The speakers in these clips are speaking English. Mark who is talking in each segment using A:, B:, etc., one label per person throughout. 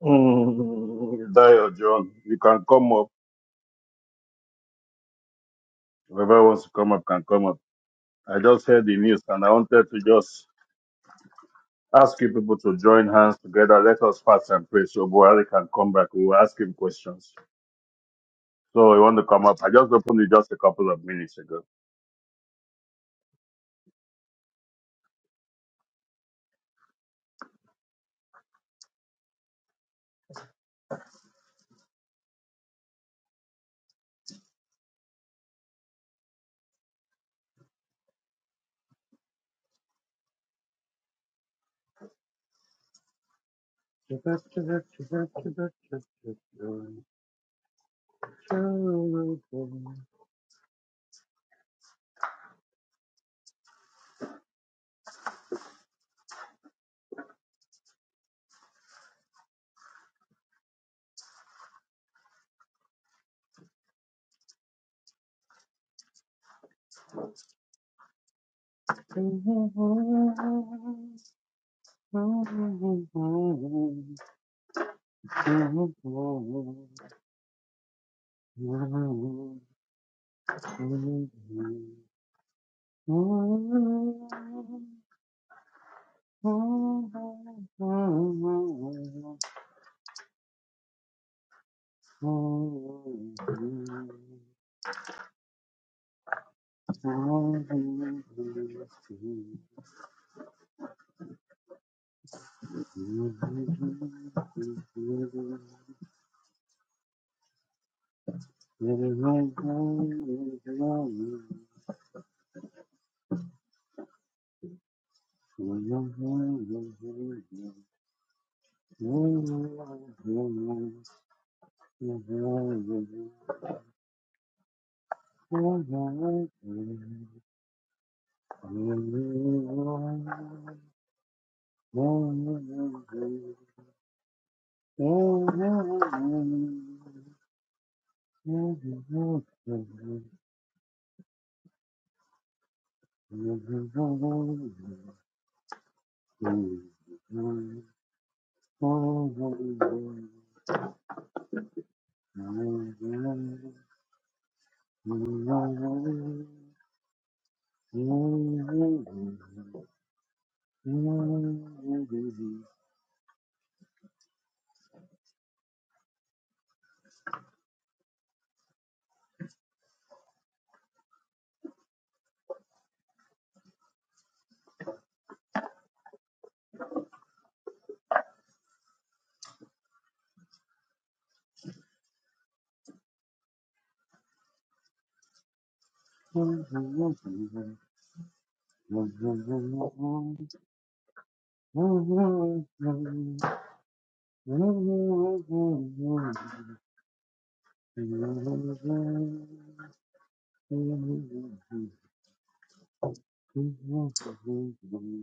A: Mm, Dio, John, you can come up. Whoever wants to come up can come up. I just heard the news and I wanted to just ask you people to join hands together. Let us fast and pray so Buhari can come back. We will ask him questions. So you want to come up? I just opened it just a couple of minutes ago. Oh, Thank you.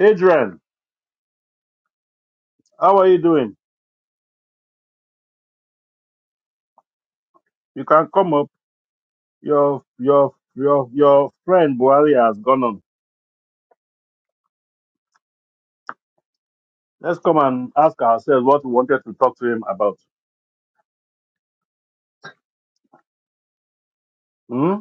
A: Adrian, how are you doing? You can come up. Your your your your friend Buhari has gone on. Let's come and ask ourselves what we wanted to talk to him about. Hmm?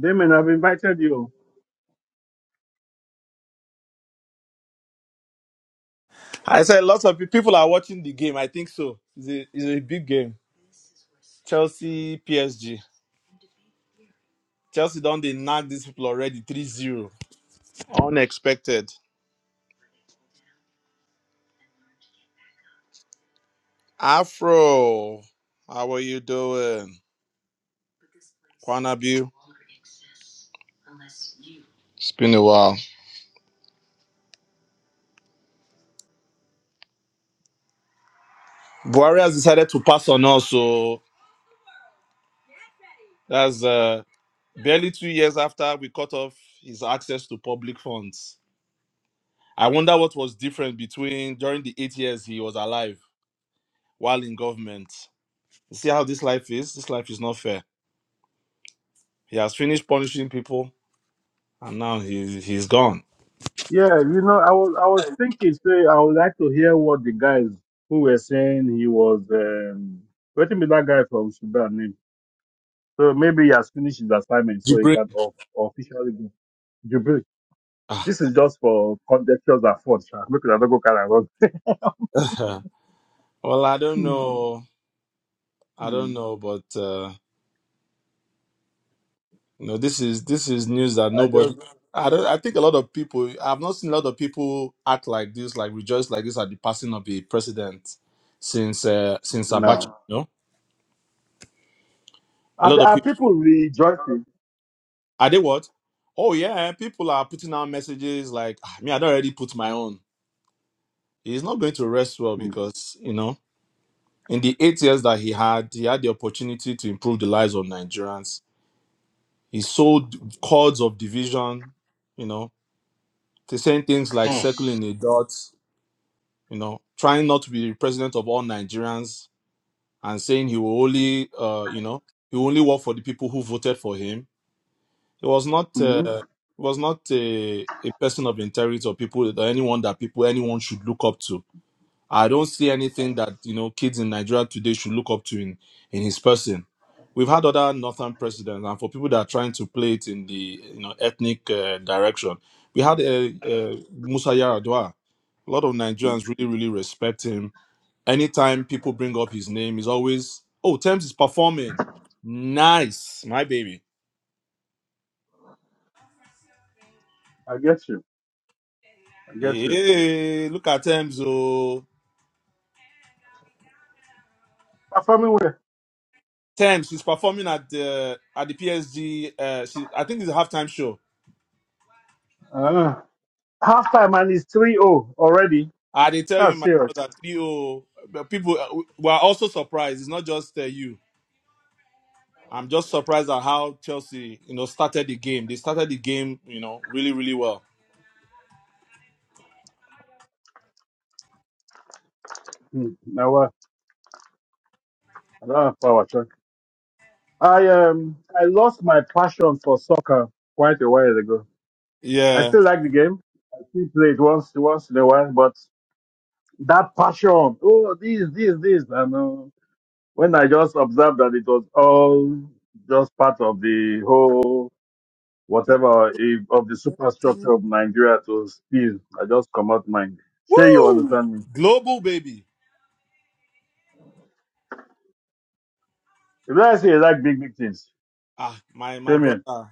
A: Damien, I've invited you.
B: I said lots of pe- people are watching the game. I think so. It's a, it's a big game. Chelsea PSG. Chelsea done they knock these people already Three zero. Unexpected. Afro, how are you doing? Kwanabu. It's been a while. Buhari has decided to pass on us, so that's uh, barely two years after we cut off his access to public funds. I wonder what was different between during the eight years he was alive while in government. You see how this life is? This life is not fair. He has finished punishing people, and now he's he's gone.
A: Yeah, you know, I was I was thinking, say, I would like to hear what the guys who were saying he was. Um, what be that guy from Sudan name? So maybe he has finished his assignment, so he
B: Jibril.
A: can of, officially go. Jubilee.
B: Ah.
A: This is just for contextuals at fault. sha. Make una no go carry am run.
B: well, I don't know. I
A: Hmm.
B: don't know, but uh, you know, this is this is news that
A: I
B: nobody.
A: just
B: I don't. I think a lot of people. I've not seen a lot of people act like this, like rejoice like this at the passing of the president since uh, since Abacha.
A: no.
B: You know, a
A: And
B: lot
A: there
B: of
A: are
B: people.
A: people rejoicing.
B: Are they what? Oh yeah, people are putting out messages like, "Ah, me, I don't already put my own. He's not going to rest well
A: Hmm.
B: because you know In the eight years that he had, he had the opportunity to improve the lives of Nigerians. He sowed cords of division, you know, to saying things like circling a dot, you know, trying not to be the president of all Nigerians and saying he will only, uh, you know, he will only work for the people who voted for him. He was not,
A: Mm-hmm.
B: uh, he was not a, a person of integrity or people that anyone that people anyone should look up to I don't see anything that you know kids in Nigeria today should look up to in in his person. We've had other northern presidents, and for people that are trying to play it in the you know ethnic uh, direction, we had uh, uh, Musa Yaradua. A lot of Nigerians really really respect him. Anytime people bring up his name, he's always oh Thames is performing, nice my baby.
A: I get you. I get you.
B: Hey, look at Thames oh
A: Performing well.
B: Thames she's performing at the at the PSG. Uh, she, I think it's a halftime show
A: Uh, half time and it's 3 o already.
B: I did tell you,
A: That's
B: my
A: serious.
B: brother, 3 oh. But People uh, were also surprised. It's not just uh, you. I'm just surprised at how Chelsea, you know, started the game. They started the game, you know, really, really well.
A: Mm. Now, uh, I don't have power track. I, um, I lost my passion for soccer quite a while ago. I
B: Yeah.
A: still like the game. I still play it once, once in a while, but that passion, oh, this, this, this. And uh, when I just observed that it was all just part of the whole. whatever if, of the superstructure of Nigeria to steal. I just come out mind. Sure, you
B: Woo!
A: understand me.
B: Global baby.
A: If I say you like big, big things,
B: Ah, my my
A: tell me.
B: brother.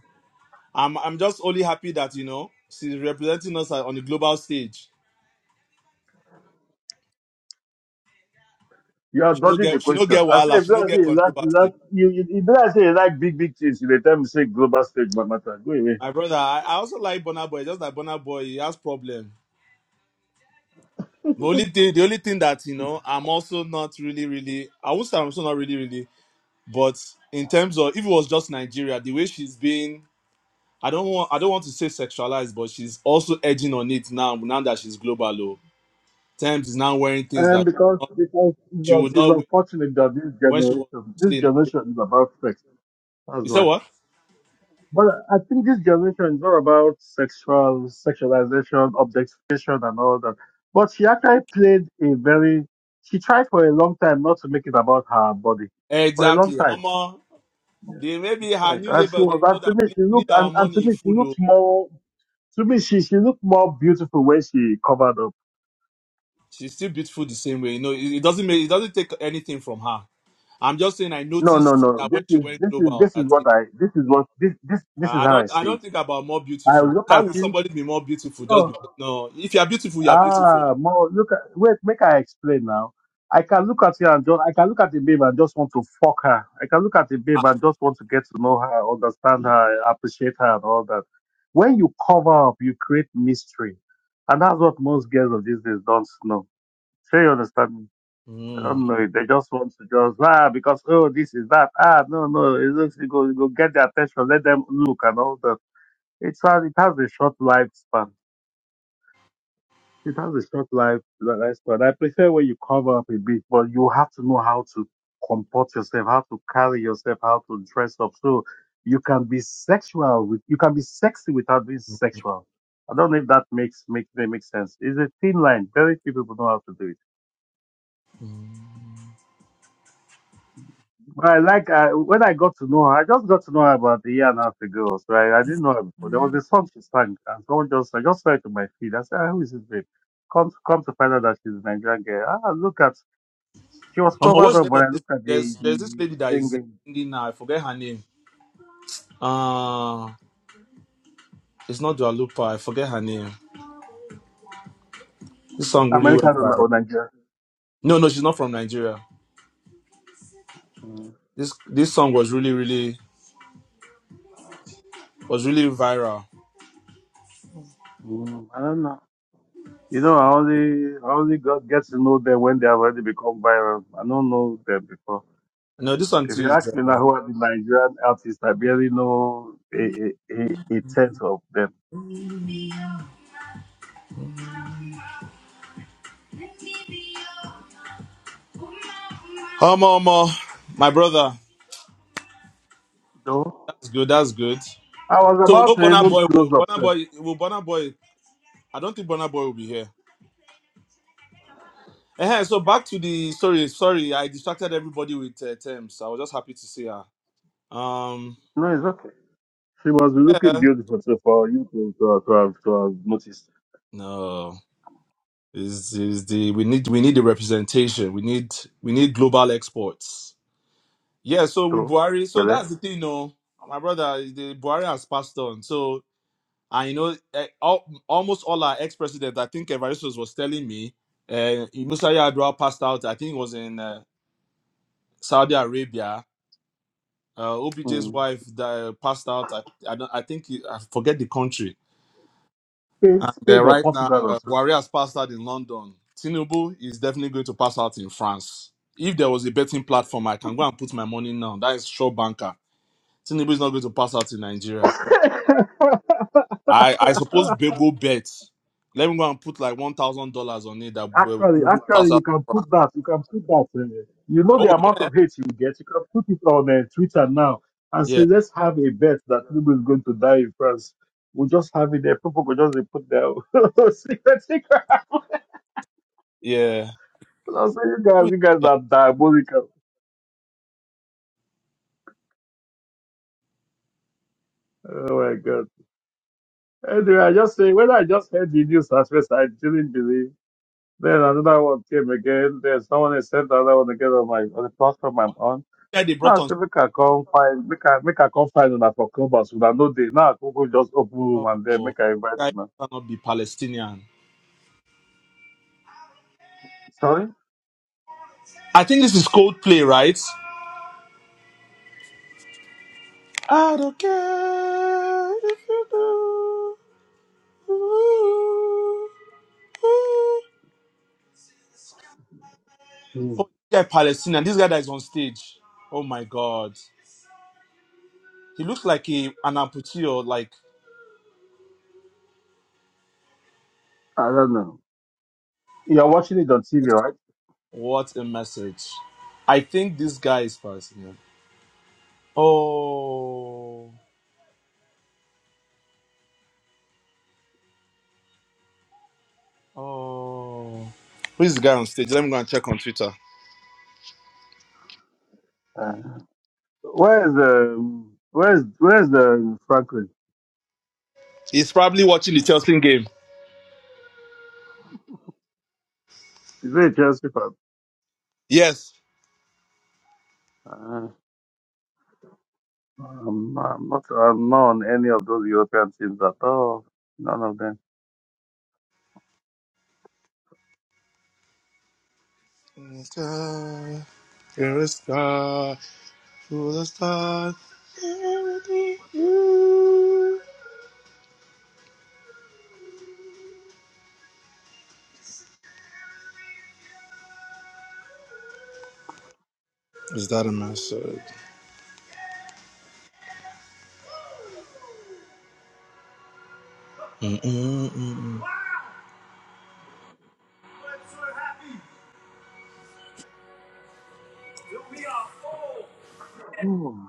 B: I'm I'm just only happy that you know she's representing us uh, on the global stage.
A: You are
B: She no
A: dodging the
B: get she no
A: question.
B: get
A: I say,
B: wahala.
A: if
B: She no
A: I say
B: get
A: you like, you
B: controversy.
A: like you, you, if I say you like big, big things, you dey tell me say global stage but matter. Go away.
B: My brother, I, I also like Bonner Boy. Just like Bonner Boy, he has problem. The only thing, the only thing that you know, I'm also not really, really. I would say I'm also not really, really. But in terms of, if it was just Nigeria, the way she's being, I don't want, I don't want to say sexualized, but she's also edging on it now. Now that she's global, oh, Thames is now wearing things
A: And
B: that
A: because because it's,
B: she
A: un-
B: would
A: it's
B: not wear
A: unfortunate that this
B: when she was
A: generation, this
B: mostly in Nigeria.
A: generation is about sex. That's
B: You
A: why.
B: say what?
A: But I think this generation is all about sexual sexualization, objectification, and all that. But she actually played a very. She tried for a long time not to make it about her body, for a long
B: Exactly.
A: time.
B: Omo, they maybe her
A: Right.
B: new
A: And she
B: label.
A: was.
B: They
A: And
B: told her,
A: to me,
B: please,
A: she
B: we need
A: looked.
B: our
A: And, and to
B: money in
A: me, she
B: full.
A: looked
B: Oh.
A: more. To me, she she looked more beautiful when she covered up.
B: She's still beautiful the same way. You know, it, it doesn't make, it doesn't take anything from her I'm just saying I
A: No, no,
B: noticed
A: no.
B: that when
A: This
B: she
A: is
B: went
A: this is
B: global
A: this is
B: that you
A: what I. This is what this this
B: know,
A: this is
B: I
A: how
B: don't
A: I
B: I
A: see
B: don't
A: it.
B: think about more
A: I
B: beautiful.
A: look
B: How
A: at
B: will
A: you.
B: somebody be more beautiful just
A: No.
B: because no if you are beautiful you are beautiful.
A: Ah, more look at wait, make I explain now. I can look at you and just I can look at the babe and just want to fuck her. I can look at the
B: Ah
A: babe and just want to get to know her, understand her, appreciate her and all that. When you cover up, you create mystery. And that's what most girls of these days don't know. Sure you understand me? I
B: mm.
A: don't know it. They just want to just ah because oh this is that. Ah no no it looks you go you go get their attention, let them look and all that. It's uh, it has a short lifespan. It has a short life lifespan. I prefer when you cover up a bit, but you have to know how to comport yourself, how to carry yourself, how to dress up. So you can be sexual with you can be sexy without being sexual. I don't know if that makes make that makes sense. It's a thin line. Very few people know how to do it. But I like uh, when I got to know her. I just got to know her about a year and a half ago. So I, I didn't know her before. There was a song she sang, and someone just I just saw it on my feed. I said, "Ah, "Who is this babe?" Come to, come to find out that she's a Nigerian girl. Ah, look at She was
B: um,
A: covered
B: what's
A: up
B: the name
A: when
B: of
A: I
B: this
A: looked at the,
B: there's there's this
A: the
B: lady that is uh,
A: singing.
B: singing now, I forget her name. Uh it's not Dua Lipa, I forget her name. This song really
A: American
B: went
A: or,
B: viral.
A: or Nigerian.
B: No, no, she's not from Nigeria.
A: Mm,
B: This this song was really, really was really viral.
A: mm, I don't know. You know, I only I only got get to know them when they have already become viral. I don't know them before.
B: No, this one
A: If
B: too
A: you
B: is
A: ask me
B: uh,
A: now who are the Nigerian artists, I barely know a, a, a, a tenth of them.
B: Omo Omo, my brother.
A: No,
B: That's good, that's good.
A: I was
B: So no
A: about to
B: Bonner
A: even
B: Boy.
A: close
B: Will,
A: up.
B: Bonner
A: Sir.
B: Boy will Bonner Boy. I don't think Bonner Boy will be here. uh so back to the sorry, sorry, I distracted everybody with uh, Thames. I was just happy to see her. Um,
A: No, it's okay. She was looking
B: yeah,
A: beautiful so for you to, to, have- to, have, to have noticed.
B: no, is is the we need we need the representation. We need we need global exports. Yeah, so with
A: no,
B: Buhari,
A: but
B: so
A: then,
B: that's the thing, no, my brother, the Buhari has passed on. So I know uh, all, almost all our ex presidents. I think Evaristos was telling me uh, Musa Yar'adua passed out. I think it was in. uh, Saudi Arabia. Uh, OBJ's
A: mm.
B: wife that passed out. I I, don't, I think it- I forget the country.
A: Spain,
B: And
A: Spain
B: uh,
A: or
B: right now,
A: Portugal or
B: uh, Buhari has passed out in London. Tinubu is definitely going to pass out in France. If there was a betting platform, I can go and put my money now. That is sure banker. Tinubu is not going to pass out in Nigeria.
A: so.
B: I I suppose Bego bet. Let me go and put like one thousand dollars on it that uh,
A: Actually,
B: Tinubu pass
A: actually,
B: out
A: you can
B: in France.
A: put that. You can put that. uh, you know the
B: Oh
A: amount
B: yeah,
A: of hate you get. You can put it on uh, Twitter now and say,
B: yeah,
A: let's have a bet that Tinubu is going to die in France. We'll just have it there. People will just put their secret secret.
B: yeah.
A: I'll say, you guys,
B: Who is-
A: you guys
B: yeah.
A: are diabolical. Oh my God. Anyway, I just say, when I just heard the news at first, I didn't believe. Then another one came again. Then someone else sent another one again on my on the platform I'm on.
B: The guy they
A: Now
B: brought
A: I
B: on
A: say make I come find make I make I come find una for clubhouse una no dey. Now I go go just open room and then
B: Oh,
A: make I invite
B: guy
A: una.
B: cannot be Palestinian.
A: Sorry?
B: I think this is Coldplay, right? I don't care if you do. Ooh, ooh.
A: Hmm.
B: Oh, this guy Palestinian. This guy that is on stage. Oh my God, he looks like a an amputee or like.
A: I don't know. You're watching it on TV, right?
B: What a message! I think this guy is Palestinian. Oh, oh. Who is the guy on stage? Let me go and check on Twitter.
A: Uh, where is the where is where is the Franklin?
B: He's probably watching the Chelsea game.
A: Is it a Chelsea fan?
B: Yes,
A: Uh, I'm, I'm not I'm not on any of those European teams at all. None of them.
B: the Sky, you're full of stars. Everything you. Is that a message? Mm-mm-mm-mm.
A: Hmm.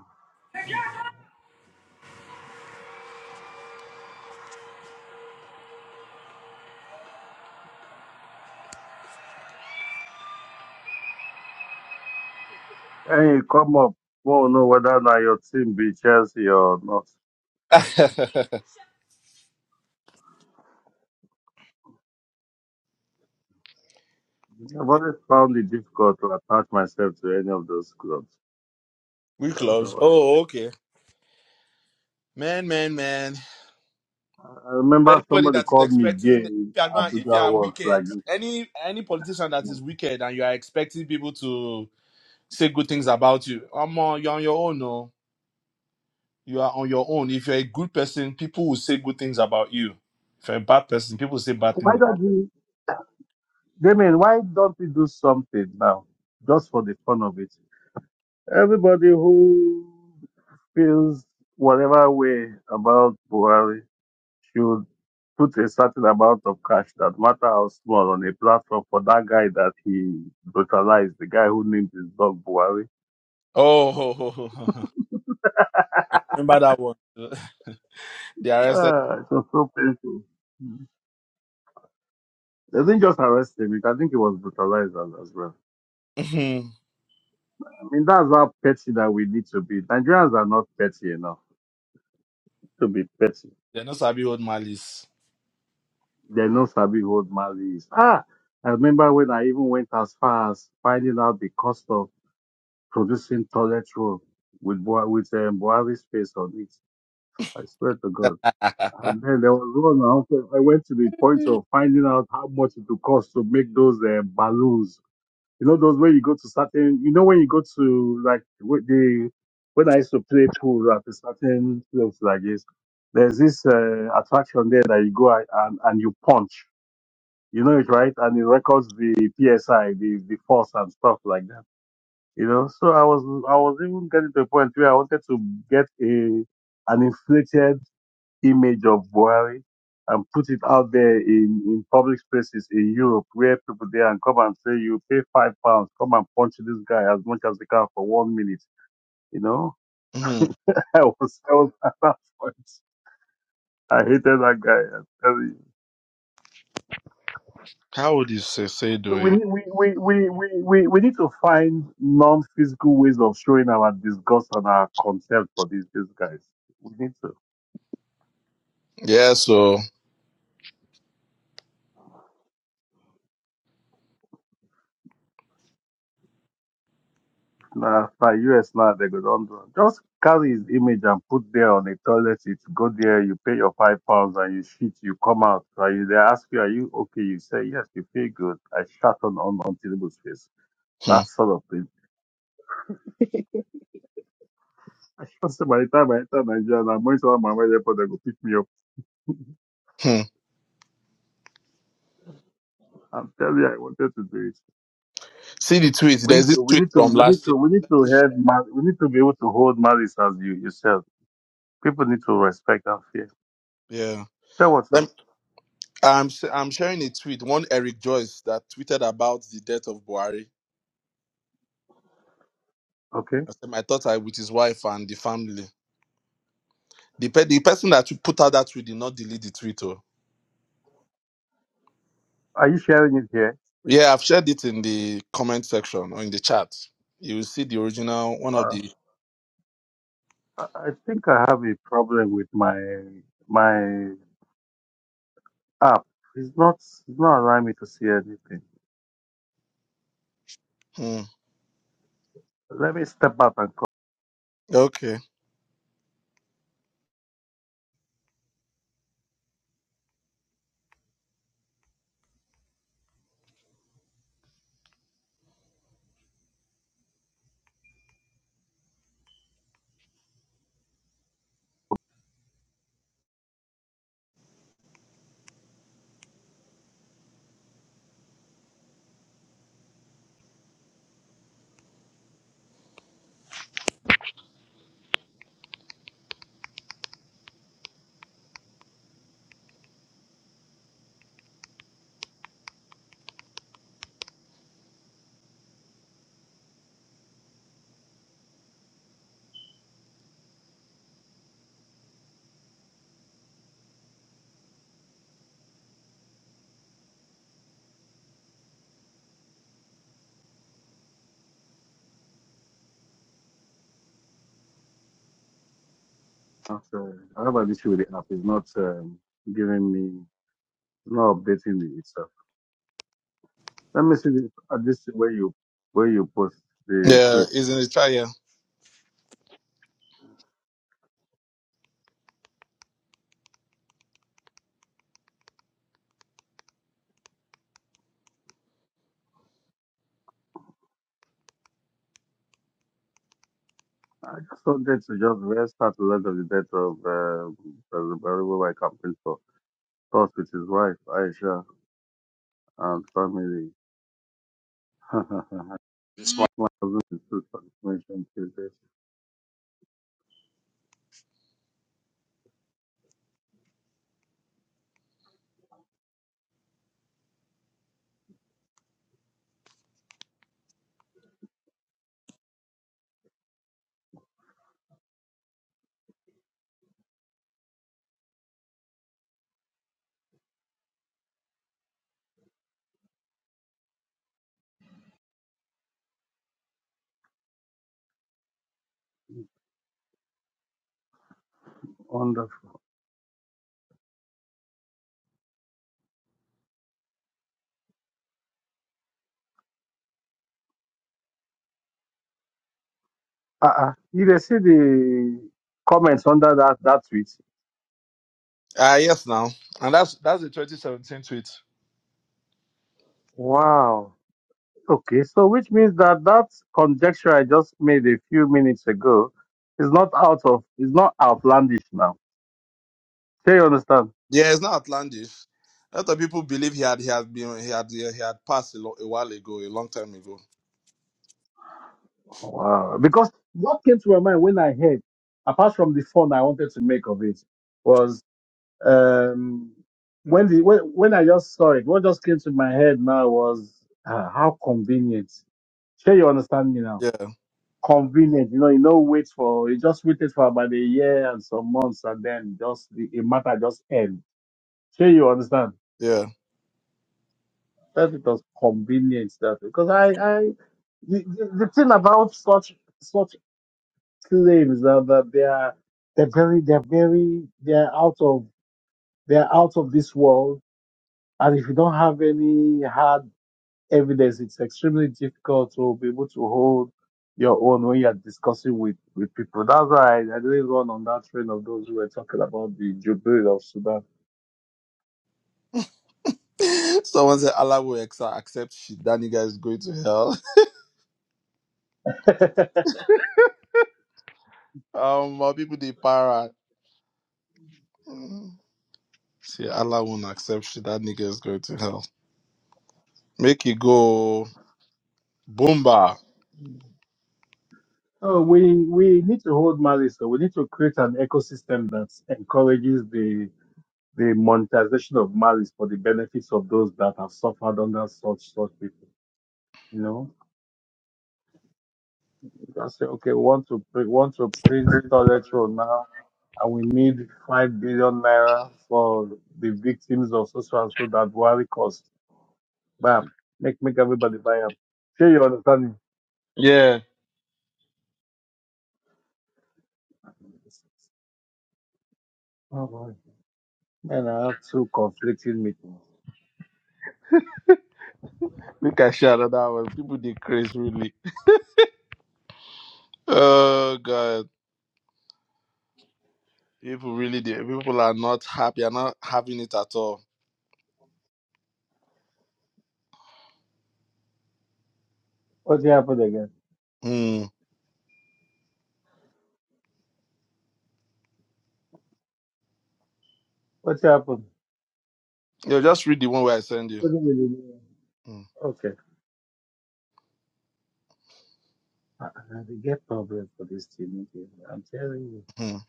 A: Hey, come up. Won't know whether now your team be Chelsea or not. I've always found it difficult to attach myself to any of those clubs.
B: we
A: I don't know
B: close.
A: why.
B: Oh, okay. Man, man, man.
A: I
B: So
A: remember
B: Anybody
A: somebody
B: that is
A: called me gay
B: expecting, if
A: in
B: you are going, if you
A: Abuja
B: are
A: once, like,
B: wicked, any any politician that is wicked and you are expecting people to say good things about you, i you're on your own, no. you are on your own. If you're a good person, people will say good things about you. If you're a bad person, people will say bad
A: why
B: things about
A: don't
B: you.
A: you, Damien, why don't we do something now, just for the fun of it? Everybody who feels whatever way about Buhari should put a certain amount of cash, that matter how small, on a platform for that guy that he brutalized, the guy who named his dog Buhari.
B: Oh, I remember that one. they arrested.
A: Uh, it was so painful. Mm. They didn't just arrest him. I think he was brutalized as, as well.
B: Mhm.
A: I mean, that's how petty that we need to be. Nigerians are not petty enough to be petty.
B: They're not Sabi old malice.
A: They know Sabi hold Mali is. Ah, I remember when I even went as far as finding out the cost of producing toilet roll with Bua- with um, Buhari's face on it. I swear to God. And then there was one. I also- I went to the point of finding out how much it would cost to make those uh, balloons You know those where you go to certain. You know when you go to like wh- the when I used to play pool at a certain place like this. There's this uh, attraction there that you go a- and and you punch. You know it right, and it records the psi, the the force and stuff like that. You know, so I was I was even getting to a point where I wanted to get a an inflated image of Buhari and put it out there in, in public spaces in Europe where people there and come and say, you pay five pounds, come and punch this guy as much as they can for one minute. You know,
B: Mhm.
A: I was, I was at that point. I hated that guy. I'm telling you.
B: How would you say, say
A: So we,
B: doing?
A: need- we, we, we, we, we we need to find non-physical ways of showing our disgust and our contempt for these, these guys. We need to.
B: Yeah, so
A: Now, for US now, they go don't do- just carry his image and put there on the toilet seat. Go there, you pay your five pounds and you shit, you come out. And you, they ask you, are you okay? You say, yes, you feel good. I shut on, on, on Tinubu's face.
B: hmm,
A: That sort of thing. I should say by the time I enter Nigeria, and I'm going to have my way airport, they go pick me up.
B: hmm.
A: I'm telling you, I wanted to do it.
B: see the tweet.
A: We
B: There's
A: need
B: this
A: to, we
B: tweet
A: need to,
B: from
A: we need
B: last year.
A: to, we need
B: Let
A: to
B: me
A: have, ma- we need to be able to hold malice as you yourself. People need to respect and fear.
B: share-
A: Tell what's up,
B: Yeah. I'm s- I'm sharing a tweet. One Eric Joyce that tweeted about the death of Buhari.
A: okay?
B: I said my thoughts are with his wife and the family. The pe- the person that put out that tweet did not delete the tweet. Oh.
A: Are you sharing it here?
B: Yeah, I've shared it in the comment section or in the chat. You will see the original one of
A: Uh,
B: the.
A: I I think I have a problem with my my app. It's not it's not allowing me to see anything.
B: Hmm.
A: Let me step out and come.
B: okay.
A: back. So, I have an issue with the app. It's not um, giving me. It's not updating me itself. Let me see this, uh, this where you where you post the
B: Yeah,
A: tweets.
B: it's in the chat. Yeah.
A: I just wanted to just restart the length of the death of uh, President Barrow I campaign for. Thoughts with his wife, Aisha, and family. This one. My husband is still transmission Tuesday. Wonderful. Uh-uh. You they see the comments under that that tweet.
B: Ah, yes. Now, and that's that's the 2017 tweet.
A: Wow. Okay, so which means that that conjecture I just made a few minutes ago is not out of is not outlandish now. Do you understand?
B: Yeah, it's not outlandish. A lot of people believe he had he had been he had he had passed a, lo- a while ago, a long time ago.
A: Wow. Because what came to my mind when I heard, apart from the fun I wanted to make of it, was um when the when, when I just saw it, what just came to my head now was uh, how convenient. Sure, you understand me now
B: Yeah,
A: convenient. You know, you know, wait for you just waited for about a year and some months, and then just the, the matter just end. Sure, you understand?
B: yeah.
A: That it was convenient that because I, I the, the, the thing about such such claims that, that they are they're very they're very they're out of they're out of this world, and if you don't have any hard evidence, it's extremely difficult to be able to hold your own when you're discussing with, with people. That's why I, I didn't run on that train of those who were talking about the Jubilee of Sudan.
B: Someone said Allah will exa- accept shit. That nigga is going to hell. Um, my people they para. Mm. See, Allah won't accept shit. That nigga is going to hell. Make it go boomba.
A: Oh, we, we need to hold malice. So we need to create an ecosystem that encourages the, the monetization of malice for the benefits of those that have suffered under such, such people, you know? You can say, okay, we want to pre- want to print toilet roll now, and we need five billion naira for the victims of social and so that Buhari cost. Bam, make make everybody buy up. Sure, you understand me?
B: Yeah,
A: Oh boy, man, I have two conflicting meetings.
B: make I share another one. People they crazy really. Oh god, people really they, people are not happy. Are not having it at all.
A: What happened again?
B: Hmm.
A: What happened?
B: Yo, just read the one where I send you.
A: What did you do? Okay, I, I they get problems for this team. meeting. I'm telling you,
B: Mhm.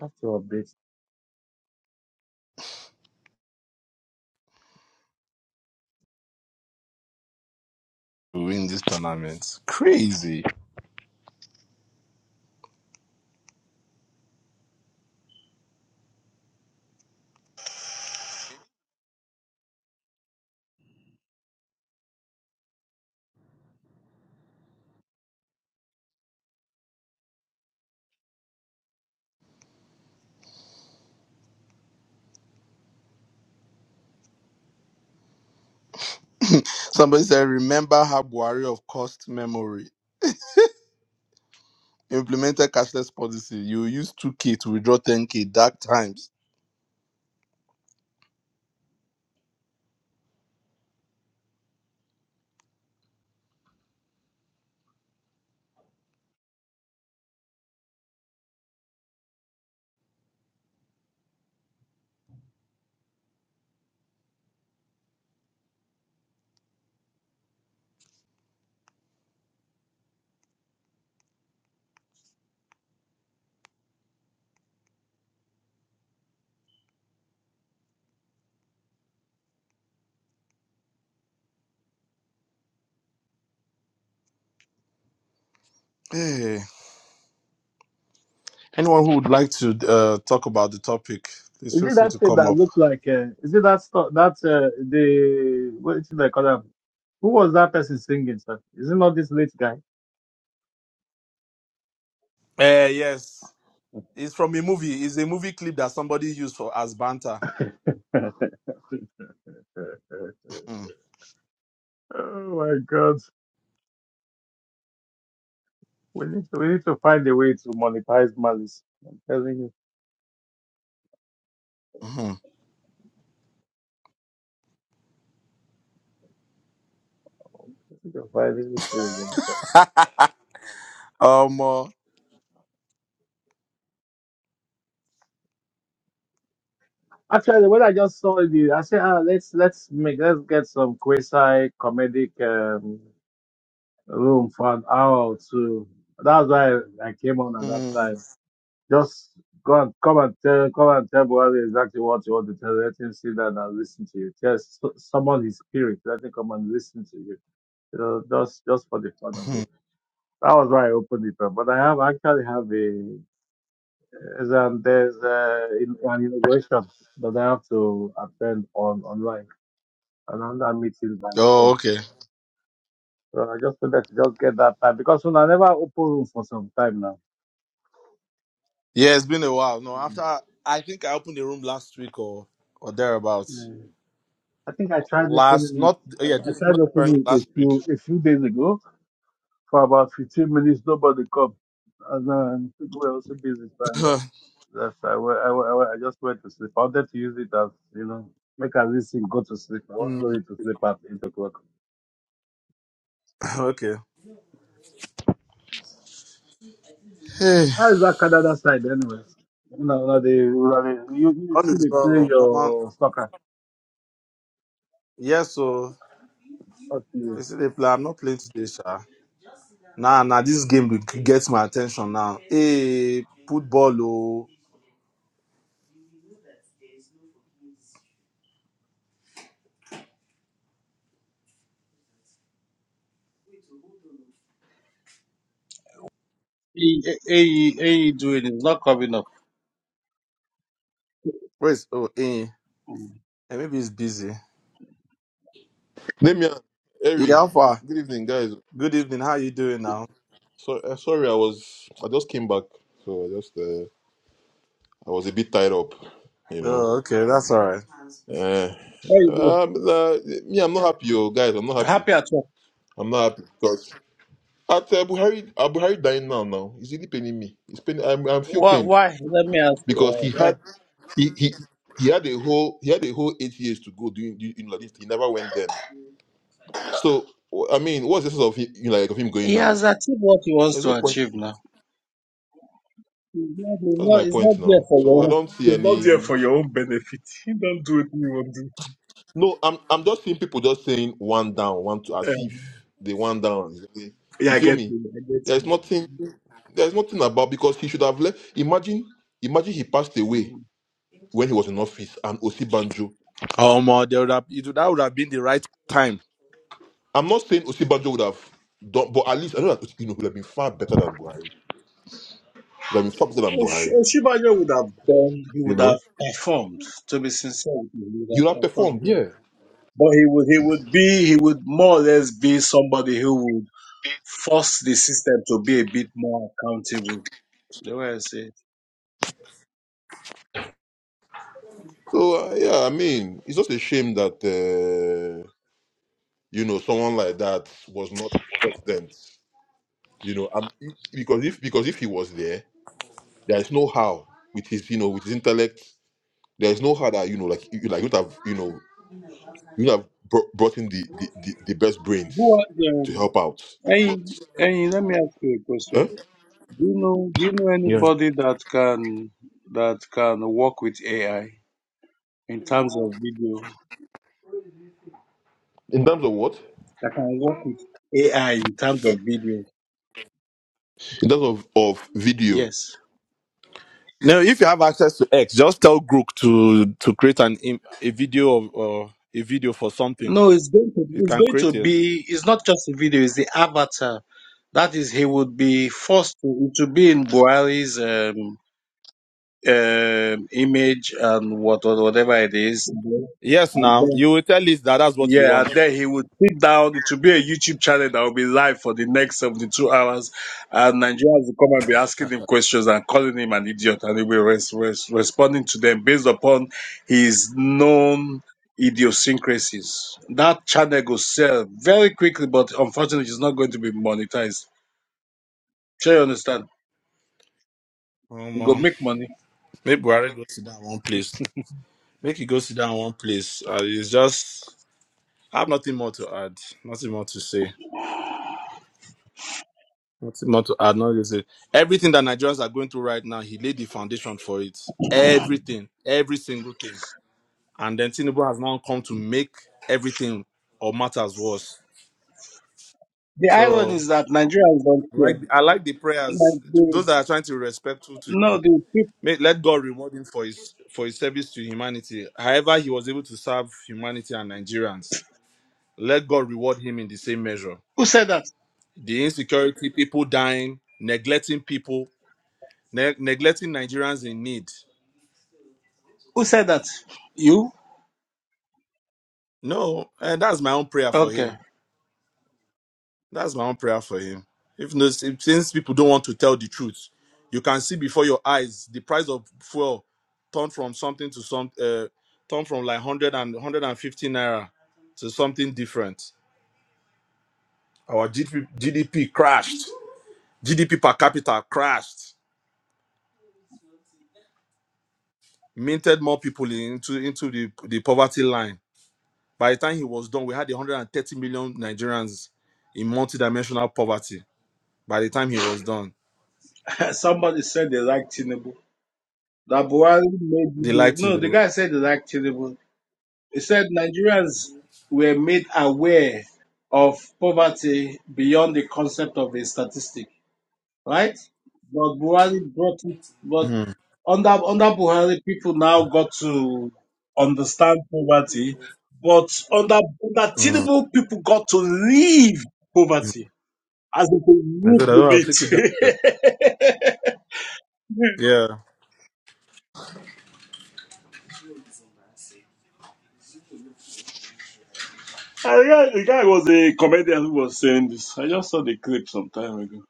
A: I have to update.
B: To win this tournament, crazy. Somebody said, "Remember how Buhari of cost memory." implemented cashless policy. You use 2K to withdraw 10K dark times. Hey. Anyone who would like to uh, talk about the topic, please
A: Is
B: feel
A: it
B: free
A: that
B: to
A: thing
B: come
A: that
B: up.
A: look like? Uh, is it that stuff that uh, the what is it they call them? singing, sir. Is it not this late guy?
B: Uh, yes. It's from a movie. It's a movie clip that somebody used for as banter. Mm,
A: oh my God. We need to, we need to find a way to monetize malice. I'm telling you,
B: mhm.
A: we need to find a way to-
B: um, uh,
A: Actually, when I just saw it, I said, ah, let's let's make let's get some quasi comedic um, room for an hour or two. That's why I came on at that
B: mm,
A: time. Just go and come and tell come and tell Buhari exactly what you want to tell. Let him sit down and listen to you. Just su- summon his spirit. Let him come and listen to you. you know, just just for the fun of
B: mhm.
A: it. That was why I opened it up. But I have actually have a as um there's a, in- an inauguration that I have to attend on online, and I'm that meeting by
B: Oh,
A: four.
B: okay.
A: So I just wanted to just get that time because when I never open room for some time now.
B: Yeah, it's been a while. No,
A: Mm.
B: after I think I opened the room last week or or thereabouts.
A: Yeah. I think I tried
B: Last,
A: opening it.
B: not yeah,
A: I I
B: this
A: tried
B: not
A: opening it a
B: last week.
A: few a few days ago for about 15 minutes. Nobody come, and then people were also busy. That's I, wa- I, wa- I, wa- I just went to sleep. I wanted to use it as you know, make us listen, go to sleep. I wasn't
B: Mm,
A: ready to sleep at eight o'clock.
B: okay. Hey.
A: How is that Canada side anyway? You know, now they, now they, you, you
B: All
A: see
B: is
A: they
B: well,
A: play
B: oh, normal.
A: your soccer.
B: Yes, so
A: Okay.
B: you see the play. I'm not playing today, sha. Nah, nah, this game will get my attention now. Hey, football, oh.
A: Hey, hey, AE doing it's not coming up.
B: Where is, oh, eh. eh, maybe he's busy.
C: Damian,
B: Hey,
C: Eri,
B: Alpha,
C: good evening, guys.
B: good evening. How you doing now?
C: So uh, sorry, I was I just came back, so I just uh, I was a bit tied up, you know.
B: Oh, okay, that's all right.
C: Uh,
A: Why you doing?
C: um, uh, me, I'm not happy, yo, guys. I'm not happy.
A: Happy at all.
C: I'm not happy because at uh, Buhari, uh, Buhari dying now. Now he's really paining me. He's pain. I'm I'm feel
A: Why,
C: pained
A: why? Let me ask you
C: because
A: uh,
C: he
A: why.
C: had he he. He had a whole he had a whole eight years to go doing, doing like this. He never went then. So I mean, what's the sense of him, like of him going
A: He
C: now?
A: has achieved what he wants
C: There's
A: to
C: no point.
A: achieve now. He's not, he's
C: That's
A: not,
C: my
A: he's not
C: point
A: there
C: now.
A: for
C: So
A: your
C: I
A: own.
C: don't see
A: He's not there
C: any.
A: for your own benefit. He don't do what you want to
C: No, I'm I'm just seeing people just saying one down, one to
A: do.
C: as
A: Eh,
C: if they one down.
A: Yeah,
C: You
A: I
C: feel
A: get
C: me?
A: you. I get you.
C: There's nothing. There's nothing about because he should have left. Imagine, imagine he passed away when he was in office and Osibanjo.
B: Oh, um, there would have, it, that would have been the right time.
C: I'm not saying Osibanjo would have done, but at least I know that you know he would have been far better than Buhari. Would have been far better than
A: Osh-
C: Buhari.
A: Oshibanya would have done, he
C: You
A: would
C: know,
A: have performed, to be sincere, with you, he would
C: he
A: have
C: would have
A: performed,
C: performed.
A: yeah.
C: Yeah.
A: But he would, he would be, he would more or less be somebody who would force the system to be a bit more accountable. The way I say it.
C: So uh, yeah, I mean, it's just a shame that. uh, you know someone like that was not president you know I'm, because if because if he was there there is no how with his you know with his intellect there is no how that you know like you like you would have you know you would have br- brought in the, the the the best
A: Who
C: brains
A: are
C: to
A: um,
C: help out
A: hey, hey, let me ask you a
C: Huh?
A: question. Do you know do you know anybody that can that can work with AI in terms of video?
C: in terms of what
A: That can work with AI in terms of video.
C: in terms of of video
A: Yes.
B: Now, if you have access to X, just tell Grook to to create an im- a video of uh, a video for something.
A: No, it's going to
B: It
A: it's
B: can
A: going to
B: create it.
A: be it's not just a video, it's the avatar. That is, he would be forced to to be in Buhari's um, um image and what or whatever it is,
B: Yes,
A: and
B: now
A: then
B: you will tell it that that's what you
A: yeah, and
B: want.
A: then he would sit down. It will be a YouTube channel that will be live for the next 72 hours. And Nigerians will come and be asking him questions and calling him an idiot. And he'll be res- res- responding to them based upon his known idiosyncrasies. That channel will sell very quickly, but unfortunately, it's not going to be monetized. Sure, you understand? We go make money.
B: Maybe Buhari go sit down one place. Make you go sit down one place. Uh, it's just I have nothing more to add. Nothing more to say. Nothing more to add. Not to say everything that Nigerians are going through right now. He laid the foundation for it. Everything, every single thing. And then Tinubu has now come to make everything or matters worse.
A: The irony
B: So
A: is that Nigerians don't
B: I
A: care.
B: like I like the prayers.
A: Like they,
B: Those that are trying to be respectful to
A: no,
B: him.
A: the people.
B: May, let God reward him for his for his service to humanity. However, he was able to serve humanity and Nigerians let God reward him in the same measure.
A: Who said that?
B: The insecurity, people dying, neglecting people, ne- neglecting Nigerians in need.
A: Who said that? You?
B: No, and that's my own prayer for
A: Okay.
B: him. That's my own prayer for him. If, no- if- since people don't want to tell the truth, you can see before your eyes the price of fuel turned from something to some uh, turned from like 100 naira to something different. Our GDP, GDP crashed. GDP per capita crashed minted more people into into the, the poverty line. By the time he was done, we had 130 million Nigerians in multidimensional poverty. By the time he was done,
A: Somebody said they like Tinubu. That Buhari made you
B: they
A: do-
B: liked him.
A: No, the
B: know.
A: guy said they like Tinubu. He said Nigerians were made aware of poverty beyond the concept of a statistic, right? But Buhari brought it. But
B: mm,
A: under under Buhari, people now got to understand poverty. But under under
B: mm.
A: Tinubu, people got to leave poverty as if they
B: I said,
A: lived
B: I
A: with
B: don't have to
A: it.
B: take it down. sir." Yeah.
A: I, yeah, the guy was a comedian who was saying this. I just saw the clip some time ago.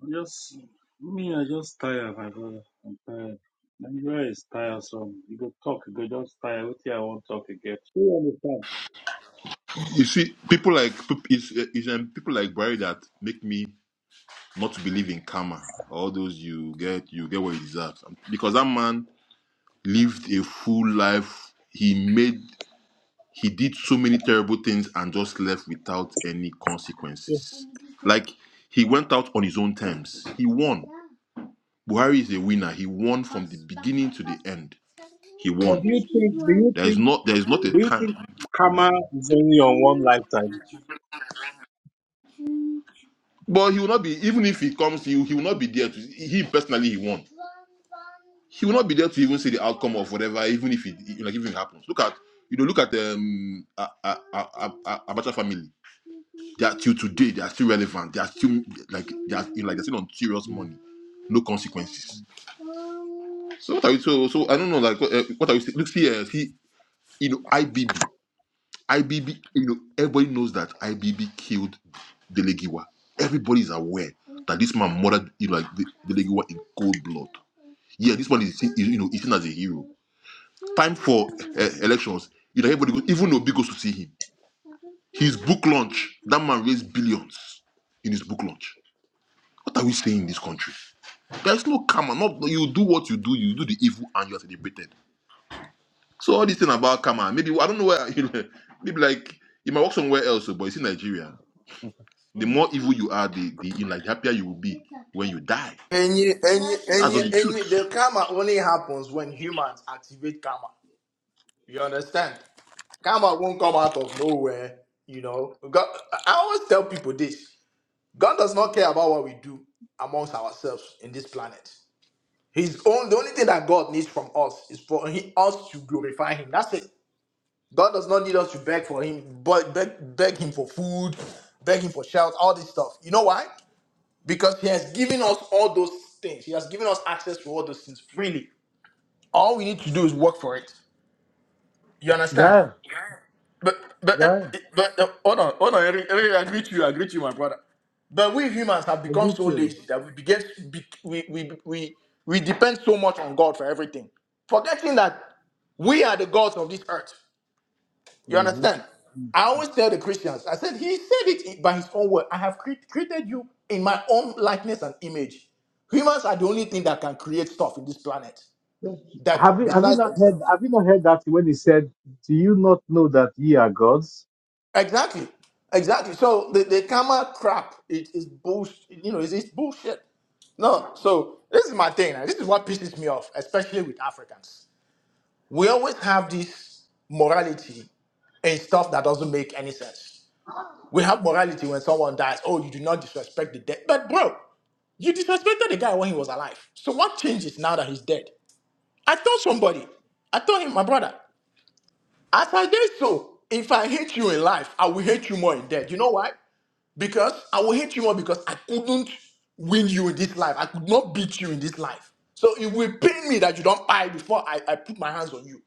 A: I Just me, I just tired, my brother. I'm tired. Nigeria is tiresome. You go talk, you go just tired. What I won't talk again. Do you understand?
C: you see people like peop- it's, uh, it's um, people like Barry that make me not to believe in karma all those you get you get what you deserve because that man lived a full life. He made he did so many terrible things and just left without any consequences. Like he went out on his own terms. He won. Buhari is a winner. He won from the beginning to the end. He
A: But
C: won.
A: do you think? Do you
C: There is
A: think?
C: not there is not a
A: Do you
C: time.
A: think karma is only on one lifetime?
C: But he will not be even if he comes, he, he will not be there to he personally he won. He will not be there to even see the outcome of whatever, even if it like even if it happens. Look at you know, look at the um, Abacha family That till today, they are still relevant. They are still like they are like they're still on serious money, no consequences. So what are you so so I don't know like uh, what are you look see uh, see you know IBB IBB you know everybody knows that IBB killed Delegiwa. Everybody is aware that this man murdered you know, like De- Delegiwa in cold blood. Yeah, this man is seen, is, you know is seen as a hero. Time for uh, elections. You know everybody goes, even Obi goes to see him. His book launch that man raised billions in his book launch What are we saying in this country? There's no karma. Not you do what you do, you do the evil and you're celebrated. So all this thing about karma, maybe I don't know where you know, maybe like you might work somewhere else, but it's in Nigeria. The
B: Mm.
C: more evil you are, the the in like the happier you will be when you die.
D: Any, any, any,
C: That's
D: any.
C: just the truth.
D: the karma only happens when humans activate karma. You understand? Karma won't come out of nowhere. You know, God, I always tell people this: God does not care about what we do amongst ourselves in this planet. His own, the only thing that God needs from us is for he, us to glorify Him. That's it. God does not need us to beg for Him, but beg, beg Him for food, beg Him for shelter, all this stuff. You know why? because he has given us all those things. He has given us access to all those things freely. All we need to do is work for it. You understand?
A: Gaia,
D: But but eh,
A: Gaia,
D: eh, but eh, hold on, hold on. Eric, Eric, I agree to you. I agree to you, my brother. But we humans have
A: I
D: become
A: did
D: so
A: you.
D: lazy that we begin be, we, we we we depend so much on God for everything, forgetting that we are the gods of this earth. You
A: hmm
D: understand? I always tell the Christians, I said, He said it in- by His own word. I have cre- created you in my own likeness and image. Humans are the only thing that can create stuff in this planet
A: Have
D: that
A: you have you
D: besides
A: not heard
D: themselves.
A: have you not heard that when he said, Do you not know that ye are gods?
D: Exactly. Exactly. So the, the karma crap, it is bullshit. You know, it's, it's bullshit. No, so this is my thing. and This is what pisses me off, especially with Africans. We always have this morality and stuff that doesn't make any sense. We have morality when someone dies. Oh, you do not disrespect the dead. But bro, you disrespected the guy when he was alive. So what changes now that he's dead? I told somebody. I told him, my brother. As I did so, if I hate you in life, I will hate you more in death. You know why? Because I will hate you more because I couldn't win you in this life. I could not beat you in this life. So it will pain me that you don't buy before I, I put my hands on you.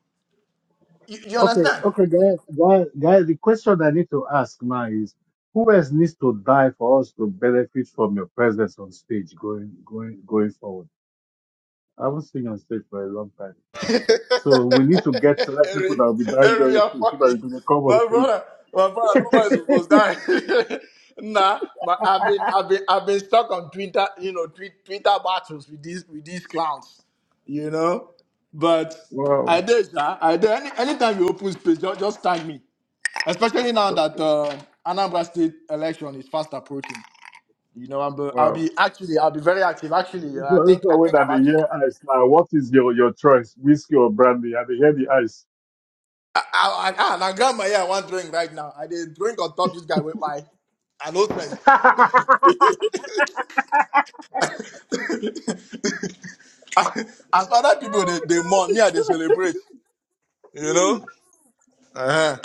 D: You, you
A: Okay,
D: understand?
A: okay, Gaia, Gaia, Gaia, the question I need to ask now is who else needs to die for us to benefit from your presence on stage going going going forward? I haven't seen you on stage for a long time. So we need to get select
D: Harry,
A: people that will be dying
D: Harry,
A: very
D: you're
A: soon so
D: funny.
A: that you can come on
D: My
A: stage.
D: brother, my brother, nobody supposed to die. nah, but I've been, I've been, I've been stuck on Twitter, you know, tweet, Twitter battles with these, with these clowns, you know. But I
A: Wow.
D: did, sir. I did. Any, anytime you open space, just, just tag me. Especially now that uh, Anambra State election is fast approaching. You know, I'm, I'll
A: Wow.
D: be actually, I'll be very active. Actually, uh, I
A: So,
D: think, I
A: so when
D: think I'm
A: I dey
D: actually.
A: hear ice now, what is your, your choice, whiskey or brandy? I dey hear the ice.
D: I, I, I, I, I got my yeah, one drink right now. I did drink on top this guy with my an As other people they, they mourn, me I they celebrate. You
A: Hmm.
D: know? Uh-huh.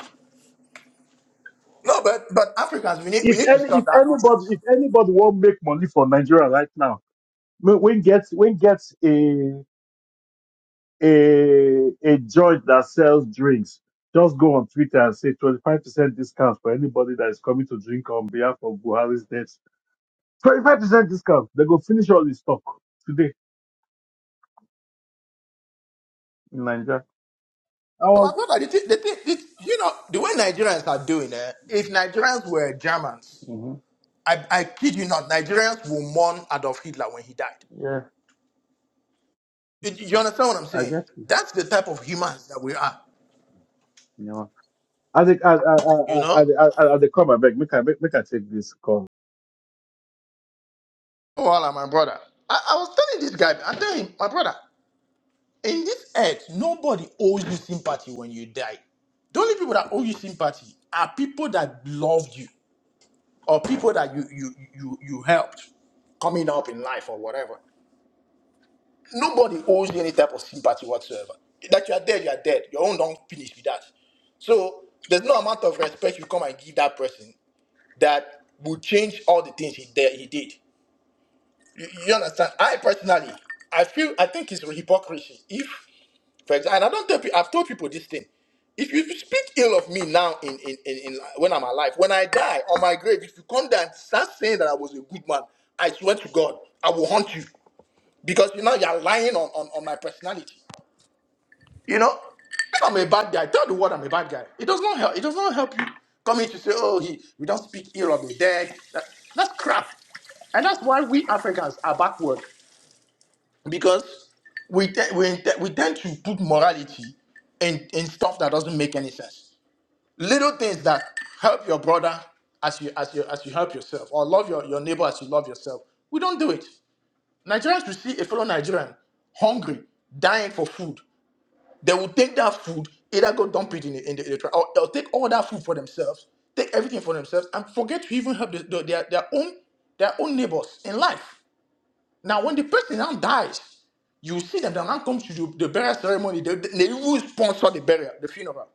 D: No, but but Africans we need we
A: if
D: need to
A: any,
D: stop
A: if
D: that nonsense.
A: anybody, if anybody want make money for Nigeria right now, when when get when get a a a judge that sells drinks, just go on Twitter and say twenty five percent discount for anybody that is coming to drink on behalf of Buhari's death. Twenty five percent discount. They go finish all the stock today in Nigeria. I
D: My
A: was,
D: brother, the, thing- the, thing- the, you know the way Nigerians are doing it. If Nigerians were Germans,
A: Mhm.
D: I, I kid you not, Nigerians will mourn Adolf Hitler when he died.
A: yeah,
D: You, you understand what I'm
A: I
D: saying?
A: guess.
D: That's the type of humans that we are.
A: You know, as the as
D: You know?
A: as as, as, as they come, I beg, make I make, make I take this call.
D: Voila, my brother. I, I was telling this guy, I tell him, my brother, in this earth, nobody owes you sympathy when you die. The only people that owe you sympathy are people that loved you or people that you you you you helped coming up in life or whatever. Nobody owes you any type of sympathy whatsoever. That you are dead, you are dead. Your own don't finish with that. So there's no amount of respect you come and give that person that will change all the things he did. He did. You, you understand? I personally, I feel, I think it's hypocrisy. If, for example, and I don't tell people, I've told people this thing. If you speak ill of me now in, in, in, in like, when I'm alive, when I die on my grave, if you come down and start saying that I was a good man, I swear to God, I will haunt you. Because you know you're lying on, on, on my personality. You know? If I'm a bad guy, tell the world I'm a bad guy. It does not help. It does not help you coming to say, oh, he we don't speak ill of the dead. That, that's crap. And that's why we Africans are backward because we te- we, te- we tend to put morality in, in stuff that doesn't make any sense. Little things that help your brother as you as you as you help yourself, or love your, your neighbor as you love yourself. We don't do it. Nigerians will see a fellow Nigerian hungry, dying for food. They will take that food, either go dump it in the, in the, in the trash, or they'll take all that food for themselves, take everything for themselves, and forget to even help the, the- their, their own their own neighbors in life. Now, when the person now dies, you see that the man comes to the, the burial ceremony, they, they even sponsor the burial, the funeral.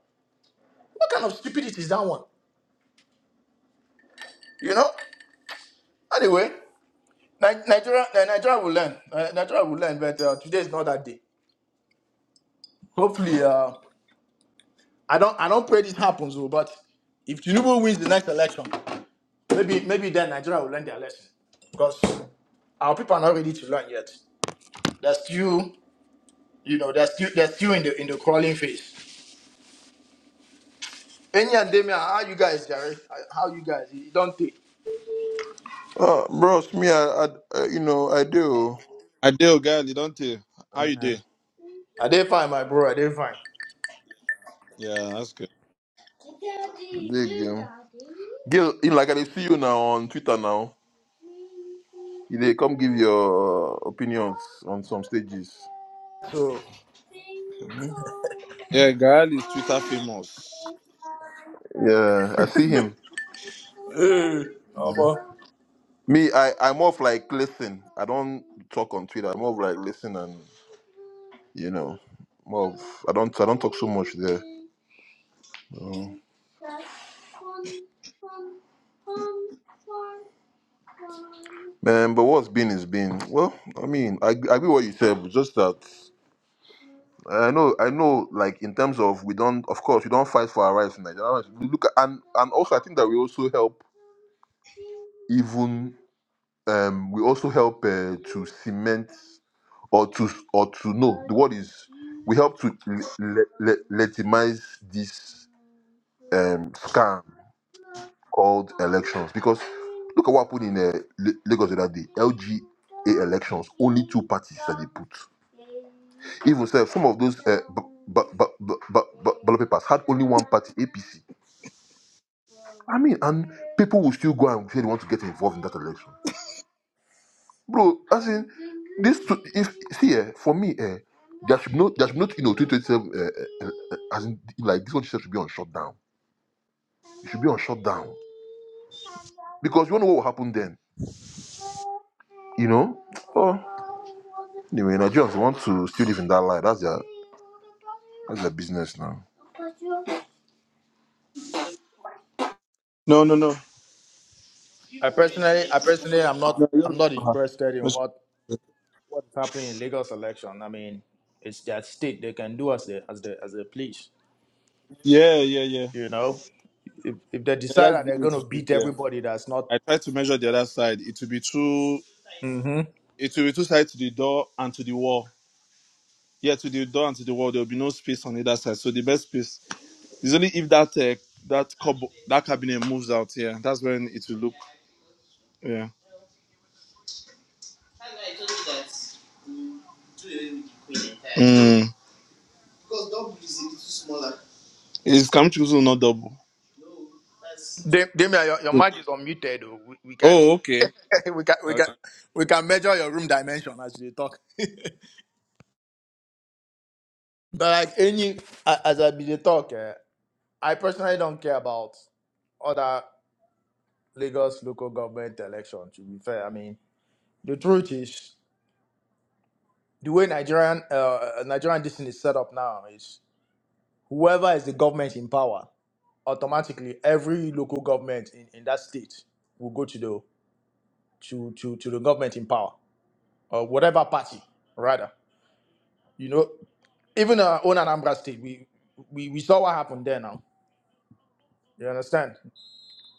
D: What kind of stupidity is that one? You know? Anyway, Ni- Nigeria, Ni- Nigeria will learn. Ni- Nigeria will learn, but uh, today is not that day. Hopefully, uh, I don't I don't pray this happens, oh, but if Tinubu wins the next election, maybe maybe then Nigeria will learn their lesson. Because our people are not ready to learn yet. They're still, you know, they're still they're still in the in the crawling phase. Any and Damien, how you guys, Jerry? How you guys? You don't take.
C: Uh, bros, me, I, I, uh, you know, I do.
B: I do, girl. You don't tell. How you
C: Uh,
B: do?
D: I did fine, my bro. I did fine.
B: Yeah, that's good.
C: Big um, Gil, you know, like I dey see you now on Twitter now. You dey come give your opinions on some stages.
D: So
C: Mhm.
B: Yeah, girl is Twitter famous.
C: Yeah, I see him.
D: Hey,
C: Yeah.
D: Abba.
C: Me, I, I'm more of like listen. I don't talk on Twitter. I'm more of like listen and you know, more of I don't I don't talk so much there. So, man, but what's been is been. Well, I mean, I I agree what you said, but just that. I know, I know. Like in terms of we don't, of course, we don't fight for our rights in Nigeria. We look at, and and also I think that we also help even um we also help uh, to cement or to or to know the word is we help to le- le- le- legitimize this um scam called elections because look at what happened in uh, La- Lagos the other day. LGA elections, only two parties that they put. Even so, some of those uh, b- b- b- b- b- b- ballot papers had only one party, APC. I mean, and people will still go and say they want to get involved in that election, bro. As in, this to, if see eh, for me, uh, there should be no, there should be not, you know, twenty twenty seven. Uh, uh, uh, as in, like this one should be on shutdown. It should be on shutdown because you don't know what will happen then. You know, oh. Anyway, Nigerians want to still live in that life. That's their that's their business now.
B: No, no, no.
D: I personally, I personally, I'm not,
B: No, you
D: I'm
B: don't wait
D: not
B: for her.
D: interested in
B: That's-
D: what what's happening in Lagos election. I mean, it's their state; they can do as they as they as they please.
B: Yeah, yeah, yeah.
D: You know, if, if they
B: Yeah,
D: decide
B: that's
D: that
B: the
D: they're
B: limit
D: going
B: to
D: to
B: it.
D: beat
B: Yeah.
D: everybody, that's not.
B: I tried to measure the other side. It will be two.
D: Mm-hmm.
B: It will be two sides to the door and to the wall. Yeah, to the door and to the wall, there will be no space on either side. So the best space is only if that uh, that cupboard, that cabinet moves out. Yeah, that's when it will look. Yeah, mm. it's coming to not double.
D: Damien, your, your mic is unmuted. oh. We, we can,
B: Oh, okay.
D: we can, we can,
B: okay.
D: we can measure your room dimension as you talk. But like any, a- as I be the talk, eh, I personally don't care about other Lagos local government election. To be fair, I mean the truth is the way Nigerian uh, Nigerian this thing is set up now is whoever is the government in power automatically every local government in, in that state will go to the to, to to the government in power or whatever party rather. You know, even our own Anambra state, we we, we saw what happened there now. You understand?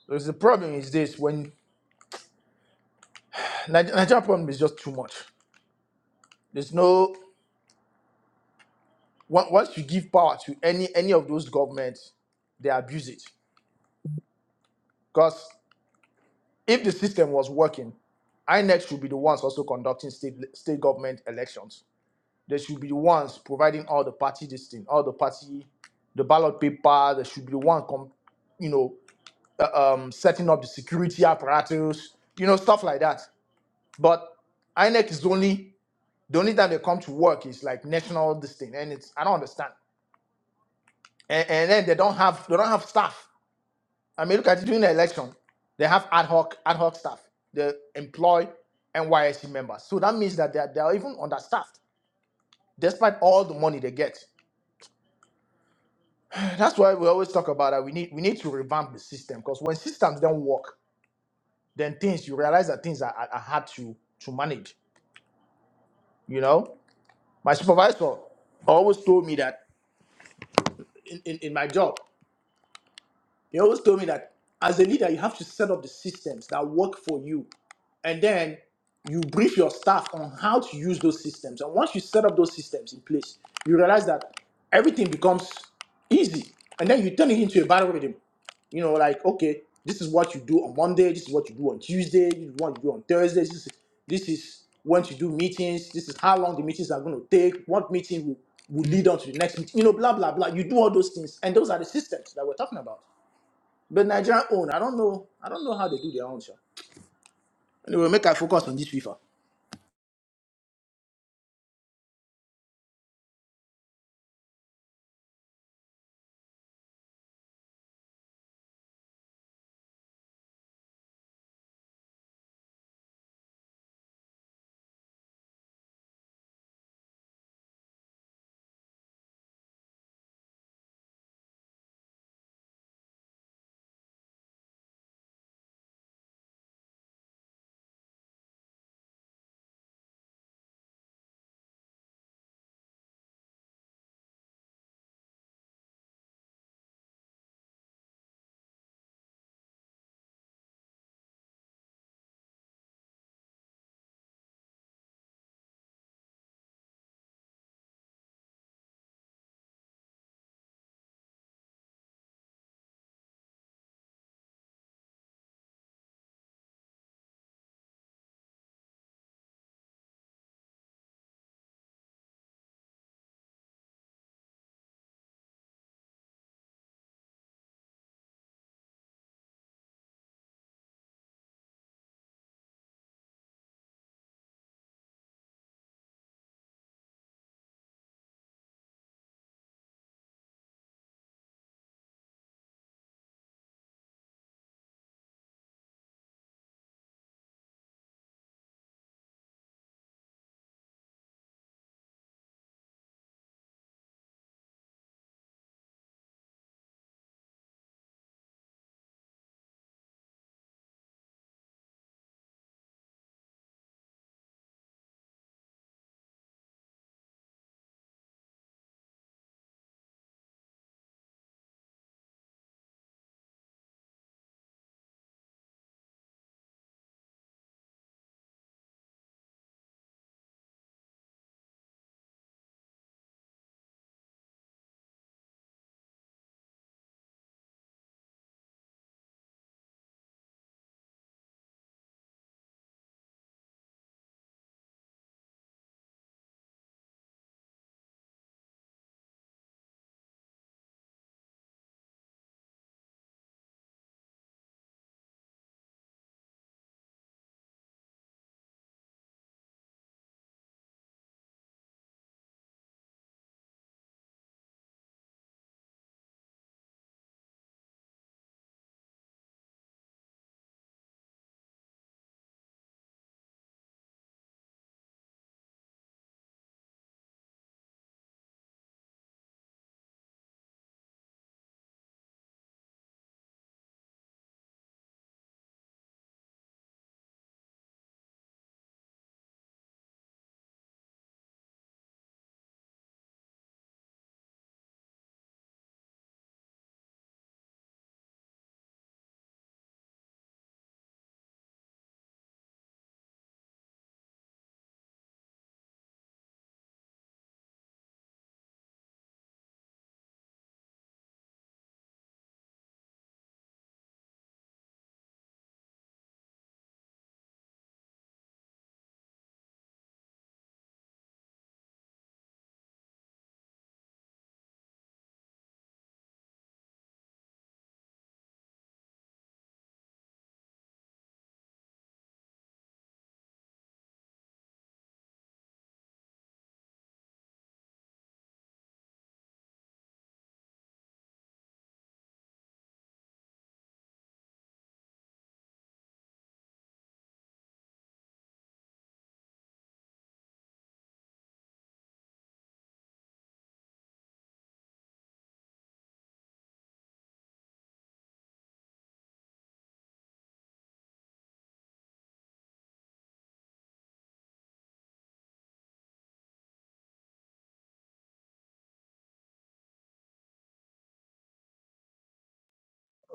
D: Because the problem is this: when Nige- Nigerian problem is just too much. There's no on- once you give power to any any of those governments, they abuse it. Because if the system was working, INEC should be the ones also conducting state state government elections. They should be the ones providing all the party this thing, all the party, the ballot paper. They should be the one, com, you know, uh, um, setting up the security apparatus, you know, stuff like that. But INEC is only the only time they come to work is like national this thing, and it's I don't understand. and, and then they don't have they don't have staff. I mean, look at it during the election, they have ad hoc ad hoc staff. They employ NYSC members, so that means that they are, they are even understaffed, despite all the money they get. That's why we always talk about that. We need we need to revamp the system because when systems don't work, then things you realize that things are, are, are hard to to manage. You know, my supervisor always told me that in, in, in my job. They always told me that as a leader, you have to set up the systems that work for you. And then you brief your staff on how to use those systems. And once you set up those systems in place, you realize that everything becomes easy. And then you turn it into a battle rhythm. You know, like, okay, this is what you do on Monday, this is what you do on Tuesday, this is what you do on Thursday, this is, this is when you do meetings, this is how long the meetings are going to take, what meeting will, will lead on to the next meeting, you know, blah, blah, blah. You do all those things. And those are the systems that we're talking about. But Nigeria own, I don't know. I don't know how they do their own, sure. Anyway, make I focus on this FIFA.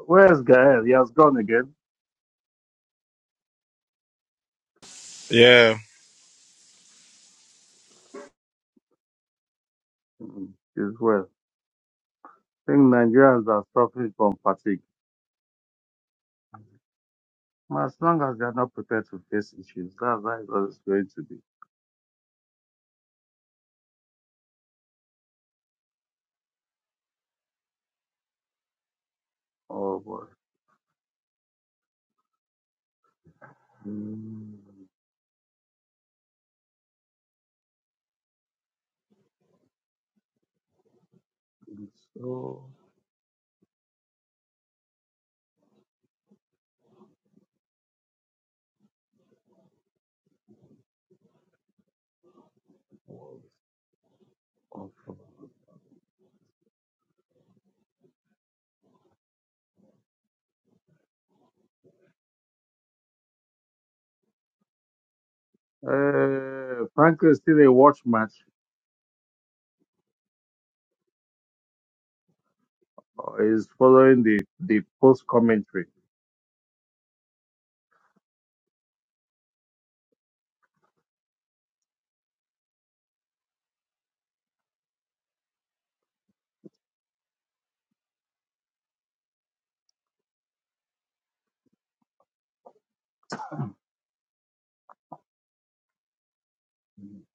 A: Where's Gael? He has gone again.
B: Yeah.
A: Mm, He's well. I think Nigerians are suffering from fatigue. As long as they are not prepared to face issues, that's how it's always going to be. Oh boy. Mm, it's so awful. Uh, Franco is still a watch match. Uh, He's following the, the post commentary.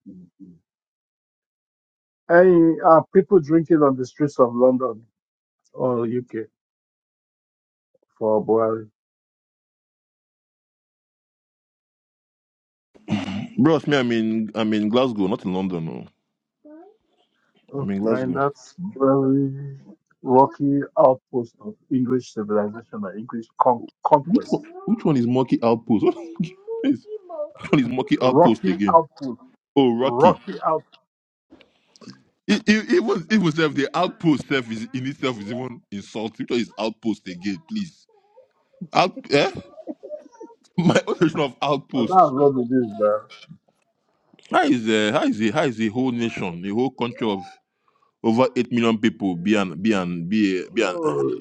A: Mm. Hey, are people drinking on the streets of London or UK for Buhari?
C: Bros, me, I'm in I'm in Glasgow, not in London. No, I'm
A: Oh,
C: in
A: you're in
C: Glasgow.
A: that very rocky outpost of English civilization or English con-
C: Which
A: conquest.
C: one, which one is Monkey Outpost? What is, which one is Monkey Outpost
A: Rocky
C: again?
A: outpost,
C: Oh, Rocky.
A: rocky outpost.
C: it it it was it was if the outpost self is in itself is even insulting. Which one is outpost again, please? Out, eh? My own version of
A: But
C: outpost.
A: that's what it is, man.
C: How is uh, how is a how is a whole nation, a whole country of over eight million people be an be an be a, be an
A: Oh,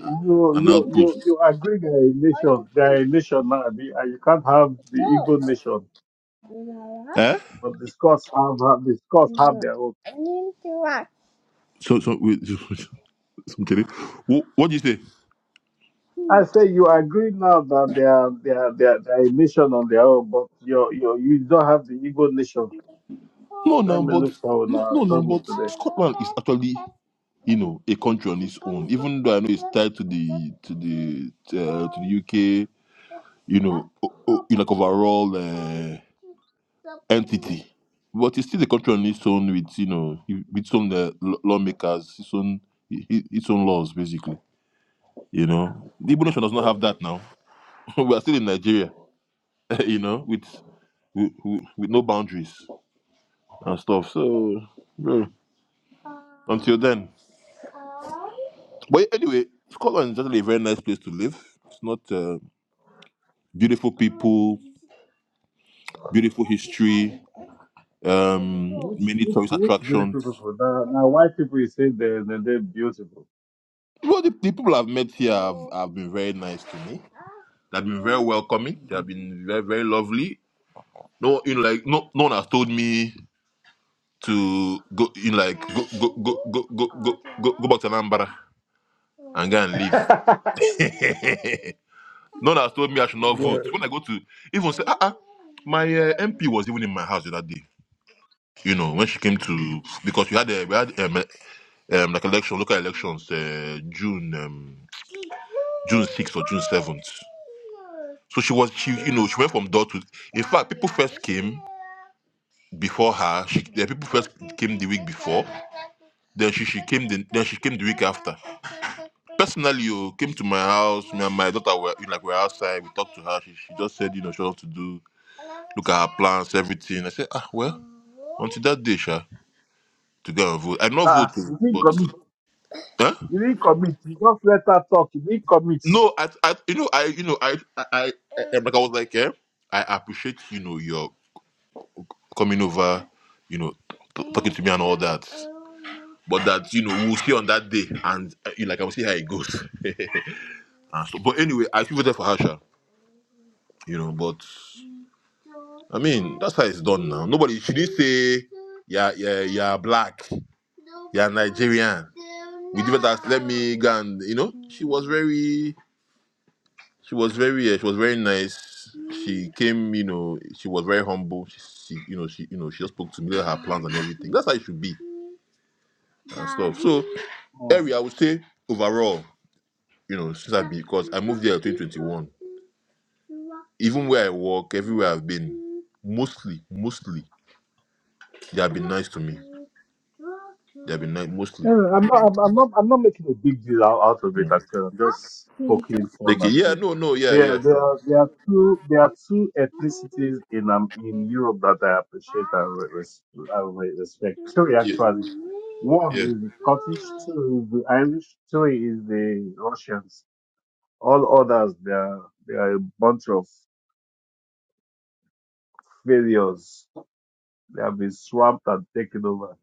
C: an
A: you, you,
C: outpost.
A: you, you agree they are a nation, they are a nation now, abi, and you can't have the Igbo nation,
C: Eh?
A: but the Scots have, have the Scots have their own.
C: What? So, so, wait, something. What, what do you say?
A: I say you agree now that they are, they are, they are, they are a nation on their own, but you, you, you don't have the Igbo nation.
C: No, no,
A: Let me
C: but
A: look for
C: no,
A: our
C: no, no,
A: trouble
C: but
A: today.
C: Scotland is actually, you know, a country on its own. Even though I know it's tied to the to the uh, to the UK, you know, o- o- you like overall uh, entity, but it's still a country on its own with you know with its own uh, law- lawmakers, its own i- i- its own laws basically. You know, the Igbo nation does not have that now. we are still in Nigeria, you know, with, with with no boundaries and stuff. So, bro, until then. But anyway, Scotland is definitely a very nice place to live. It's not uh, beautiful people, beautiful history, um,
A: Which
C: many
A: which
C: tourist
A: which beautiful
C: attractions.
A: people? Now, now white people you say they they they're beautiful.
C: Well, the, the people I've met here have, have been very nice to me. They've been very welcoming. They have been very, very lovely. No, you know, like no, no one has told me. to go in like go go go go go go go, go back to Anambra and go and leave. No one has told me I should not vote. When I go to even say, ah, ah my uh, MP was even in my house that day. You know, when she came to because we had uh, we had um, um like election local elections uh, June um, June sixth or June seventh. So she was she you know she went from door to. In fact, people first came. before her. She, the people first came the week before. Then she, she came the then she came the week after. Personally, you came to my house. Me and my daughter were you know, like we were outside. We talked to her. She, she just said, you know, she wants to do. Look at her plans, everything. I said, ah, well, until that day, sha, to go and vote. I am not
A: Ah,
C: voting,
A: you didn't
C: but
A: commit.
C: huh?
A: You didn't commit. You just let her talk. You didn't commit.
C: no, I, I, you know, I, you know, I, I, I, I- like I was like, eh, I appreciate, you know, your coming over, you know, t- talking to me and all that. But that, you know, we'll see on that day and, uh, you know, like, I will see how it goes. And so, but anyway, I still voted for Harsha, you know, but I mean, that's how it's done now. Nobody, she didn't say, yeah, yeah, yeah, black, yeah, Nigerian. We did that, let me go and, you know, she was very, she was very, uh, she was very nice. She came, you know, she was very humble. She, she you know, she, you know, she just spoke to me, let her plans and everything. That's how it should be. and stuff. So
A: Oh.
C: area, I would say overall, you know, since I because I moved there in 2021, even where I work, everywhere I've been, mostly, mostly they have been nice to me. They have been nice, mostly.
A: Anyway, I'm not I'm, I'm not I'm not making a big deal out, out of it.
C: Yeah.
A: Actually, I'm just poking
C: Like
A: fun at
C: yeah,
A: you.
C: no, no, yeah, yeah,
A: There there
C: sure,
A: are- there are two there are two ethnicities in um in Europe that I appreciate and re- res, I re- respect. Three
C: yeah,
A: actually.
C: yeah.
A: One is the Scottish, two is the Irish, three is the Russians. All others, they are, they are a bunch of failures. They have been swamped and taken over.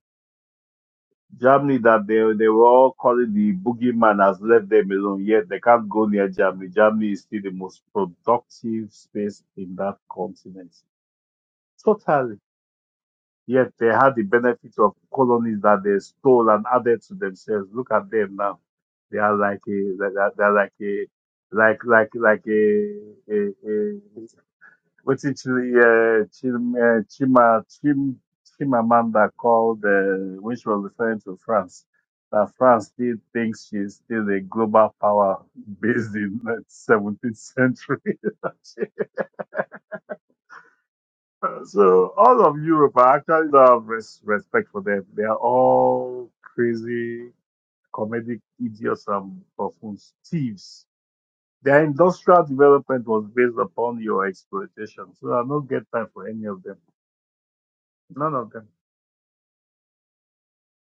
A: Germany that they, they were all calling the boogeyman has left them alone, yet they can't go near Germany. Germany is still the most productive space in that continent. Totally. Yet they had the benefit of colonies that they stole and added to themselves. Look at them now. They are like a, they are they are like a, like, like, like a, a, a What's actually uh, Chim, uh, Chima, Chim, Chimamanda called, uh, when she was referring to France, that France still thinks she's still a global power based in the 17th century. so all of Europe, I actually don't have res- respect for them. They are all crazy, comedic idiots and buffoons, thieves. Their industrial development was based upon your exploitation. So I don't get time for any of them. None of them.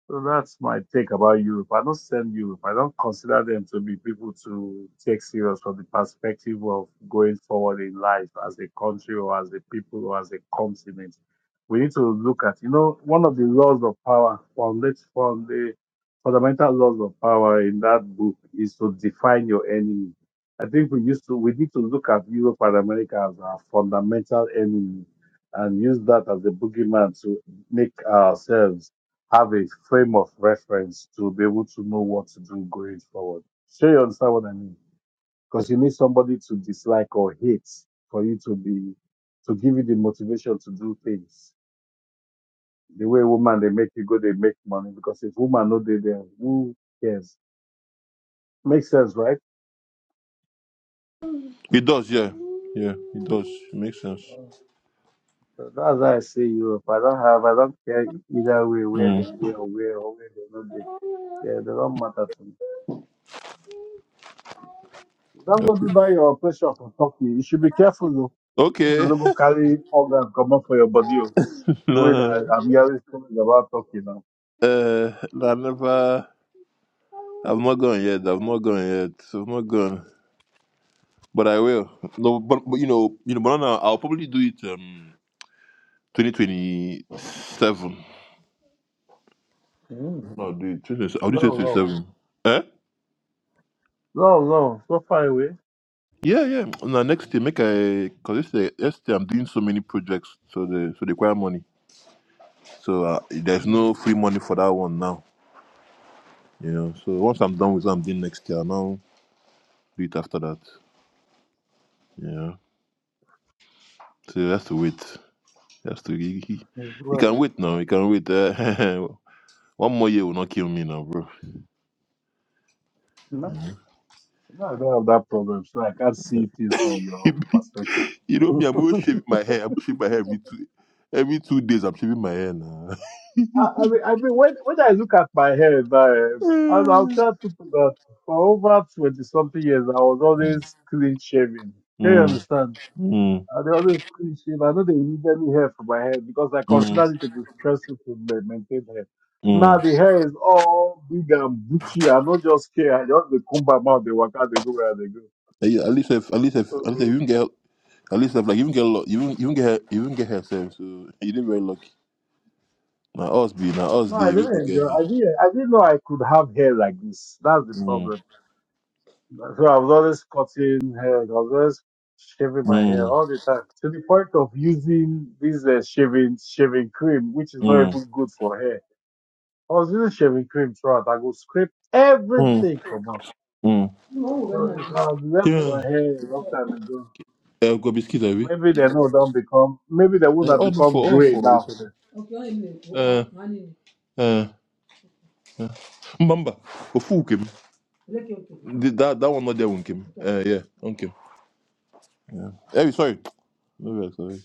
A: So that's my take about Europe. I don't send Europe. I don't consider them to be people to take serious from the perspective of going forward in life as a country or as a people or as a continent. We need to look at, you know, one of the laws of power, foundation, from the fundamental laws of power in that book is to define your enemy. I think we used to, we need to look at Europe and America as our fundamental enemy and use that as a boogeyman to make ourselves have a frame of reference to be able to know what to do going forward. Sure, you understand what I mean? Because you need somebody to dislike or hate for you to be to give you the motivation to do things. The way woman they make you go, they make money because if woman no they there, who cares? Makes sense, right?
C: It does, yeah, yeah, it does. It makes sense.
A: So That's why I say Europe. I don't have, I don't care either way where they
C: Mm.
A: there or where or where they not there. They, they don't matter to me.
C: I
A: Don't go
C: feel-
A: do that your operation for Turkey. You should be careful. though. Make the
C: Okay.
A: logo carry organ comot for your body. oh. The way that I'm hearing stories about Turkey now.
C: Uh, I never. I've not gone yet. I've not gone yet. I've not gone, but I will. No, but, but you know, you know, banana. I'll probably do it. Um, twenty twenty seven.
A: Mm.
C: No, do it. 20, I'll do
A: No,
C: twenty twenty
A: no.
C: seven. Eh?
A: No, no. So far away.
C: Yeah, yeah. Now next year, make I because this year, next year I'm doing so many projects, so the so they require money. So uh, there's no free money for that one now. You know. So once I'm done with what I'm doing next year, I'll now do it after that. Yeah. So that's the wait. Just to He, he,
A: It's
C: he can
A: well.
C: wait now. He can wait. Uh, one more year will not kill me now, bro.
A: No,
C: Yeah.
A: no, I don't have that problem. So I can't see things from your perspective.
C: you know me. I'm always
A: I,
C: shaving my hair. I'm shaving my hair every two every two days. I'm shaving my hair now.
A: I mean, I mean, when when I look at my hair, now, eh, and I'll
C: mm,
A: tell people that for over twenty something years, I was always clean shaven. Do you
C: mm,
A: understand? Uh, the other cliche, I know they immediately hair for my hair because I consider
C: mm,
A: it to be stressful to ma- maintain hair. Now
C: mm.
A: the hair is all big and bushy. I don't just care. I just they comb my mouth, they walk out, they go where they go.
C: Eh, yeah, At least, if, at least, if, at least, if
A: So,
C: you can get, at least, if, like you can get, lo- you can, you can get, hair- you can get herself. So you did very lucky. Now us be now us
A: no, I
C: they we
A: didn't
C: don't get
A: enjoy.
C: hair.
A: I didn't. I didn't know I could have hair like this. That's the
C: Mm,
A: problem. So I was always cutting hair. I was always shaving my hair
C: mm,
A: all the time to the point of using this uh, shaving shaving cream, which is not
C: mm,
A: even good for hair. I was using shaving cream throughout. I go scrape
C: mm,
A: everything come out.
C: mm.
A: So if I had left
C: Yeah.
A: my hair a long time ago,
C: Uh, got biscuit, have we?
A: maybe they know don't become, maybe they would
C: Eh,
A: have
C: all
A: become
C: four, all
A: gray
C: four. If
A: now.
C: I'm, Okay, only me. uh, Oka, money. uh, uh. Mbamba, Ofu came? Look, okay. okay. Th- That that one not there, Unkim. Okay. Uh, yeah, Unkim. Yeah. Hey, sorry. Maybe I'm sorry.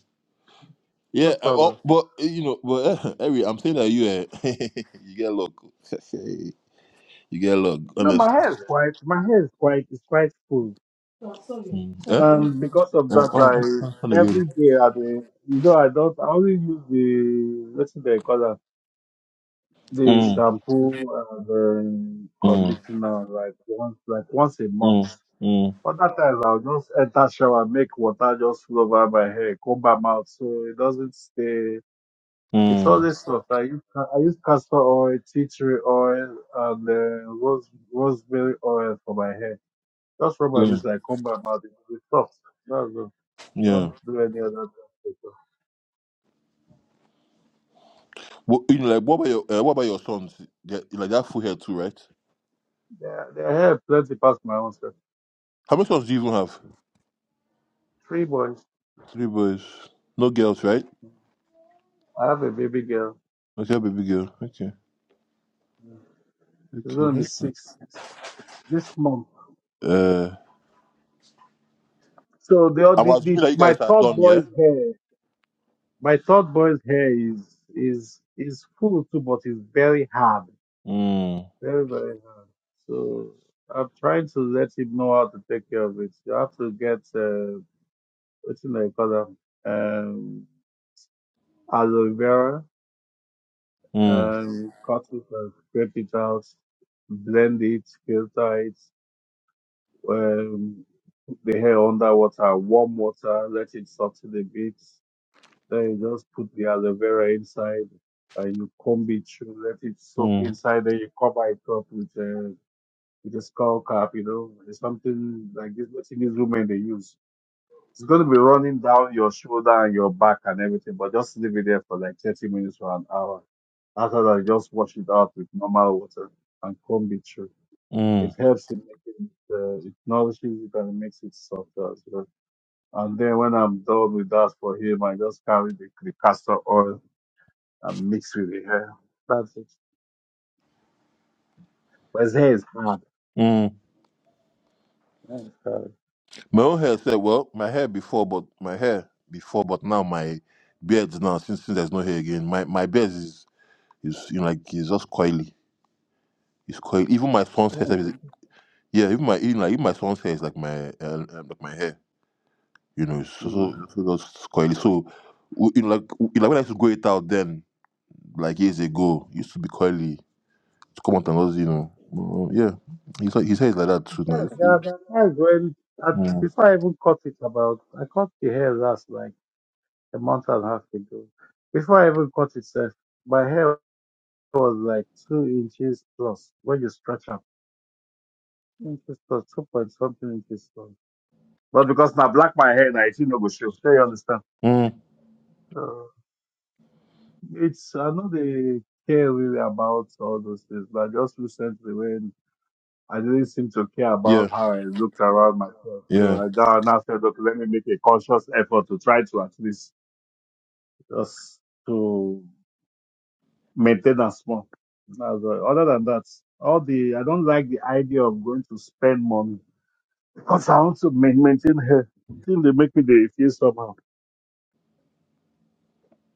A: No
C: Yeah, uh, oh,
A: problem.
C: but uh, you know, but uh, Harry, I'm saying that you uh, you get luck. you get luck,
A: No, my
C: honestly.
A: hair is quite, my hair is quite, it's quite full.
C: So, sorry. Mm. So,
A: And because of
C: Huh? I
A: that,
C: don't. Uh, oh, oh, oh, oh,
A: I,
C: again.
A: every day at the, you know, I don't, I only use the, what's it they call that? The
C: Mm,
A: shampoo and the
C: mm,
A: conditioner like once, like once a
C: mm,
A: month.
C: mm,
A: Other times I'll just enter shower, make water just flow over my hair, comb my mouth so it doesn't stay. It's
C: mm.
A: always soft. I use ca- I use castor oil, tea tree oil, and uh, rose rosemary oil for my hair. Just rub my
C: Yeah,
A: face I comb my mouth. It's soft. That's all.
C: yeah.
A: Don't do any other thing.
C: What, you know, like what about your uh, what about your sons? They, like that full hair too, right?
A: Yeah, their hair plenty past my own self.
C: How many sons do you even have?
A: Three boys.
C: Three boys, no girls, right?
A: I have a baby girl.
C: Okay, baby girl. Okay,
A: She's gonna be
C: okay.
A: six. six months.
C: Uh,
A: So the,
C: I'm
A: the,
C: assuming
A: the
C: that you guys
A: my
C: are
A: third
C: done, yeah.
A: boy's hair. My third boy's hair is is is full too, but it's very hard,
C: Mm,
A: very very hard. So I'm trying to let him know how to take care of it. You have to get uh, what's in the color, um, aloe vera,
C: mm,
A: um, cut it and scrape it out, blend it, filter it, um, the hair under water, warm water, let it soften a bit, Then you just put the aloe vera inside and you comb it through, let it soak
C: mm,
A: inside, then you cover it up with a, with a skull cap, you know. It's something like this, what these women they use. It's going to be running down your shoulder and your back and everything, but just leave it there for like 30 minutes or an hour. After that, just wash it out with normal water and comb it through. It
C: mm,
A: helps in making it, uh, it nourishes it and makes it softer as well. And then when I'm done with that for him, I just carry the, the castor oil i mixed with the hair. That's it. But his hair is hard.
C: mm.
A: Hair is hard.
C: My own hair said, well, my hair before, but my hair before, but now my beard now since since there's no hair again, my my beard is is you know like it's just coily. It's coily. Even my son's
A: Hair is
C: hair, is,
A: hard.
C: yeah. Even my even like even my son's hair is like my uh, uh, like my hair. You know, so, so, so that's coily. So, w- you know, like, w- you know, when I used to go it out then, like years ago, used to be coily. To come out and us, you know. Uh, yeah. He's, like- his hair is like that
A: Yeah,
C: too now.
A: yeah, that- that's when I,
C: Mm.
A: before I even cut it about I cut the hair last like a month and a half ago. Before I even cut it, sir, my hair was like two inches plus when you stretch up. Two inches plus two point something inches plus. But because now black my hair now it's no go show. Sure you understand.
C: Mm.
A: So it's I know they care really about all those things, but just recently when I didn't seem to care
C: Yeah.
A: about how I looked around myself.
C: Yeah.
A: So I now now said, okay, let me make a conscious effort to try to at least just to maintain and small. That's all. Other than that, all the I don't like the idea of going to spend money because I want to ma- maintain her. Seem they make me they feel somehow.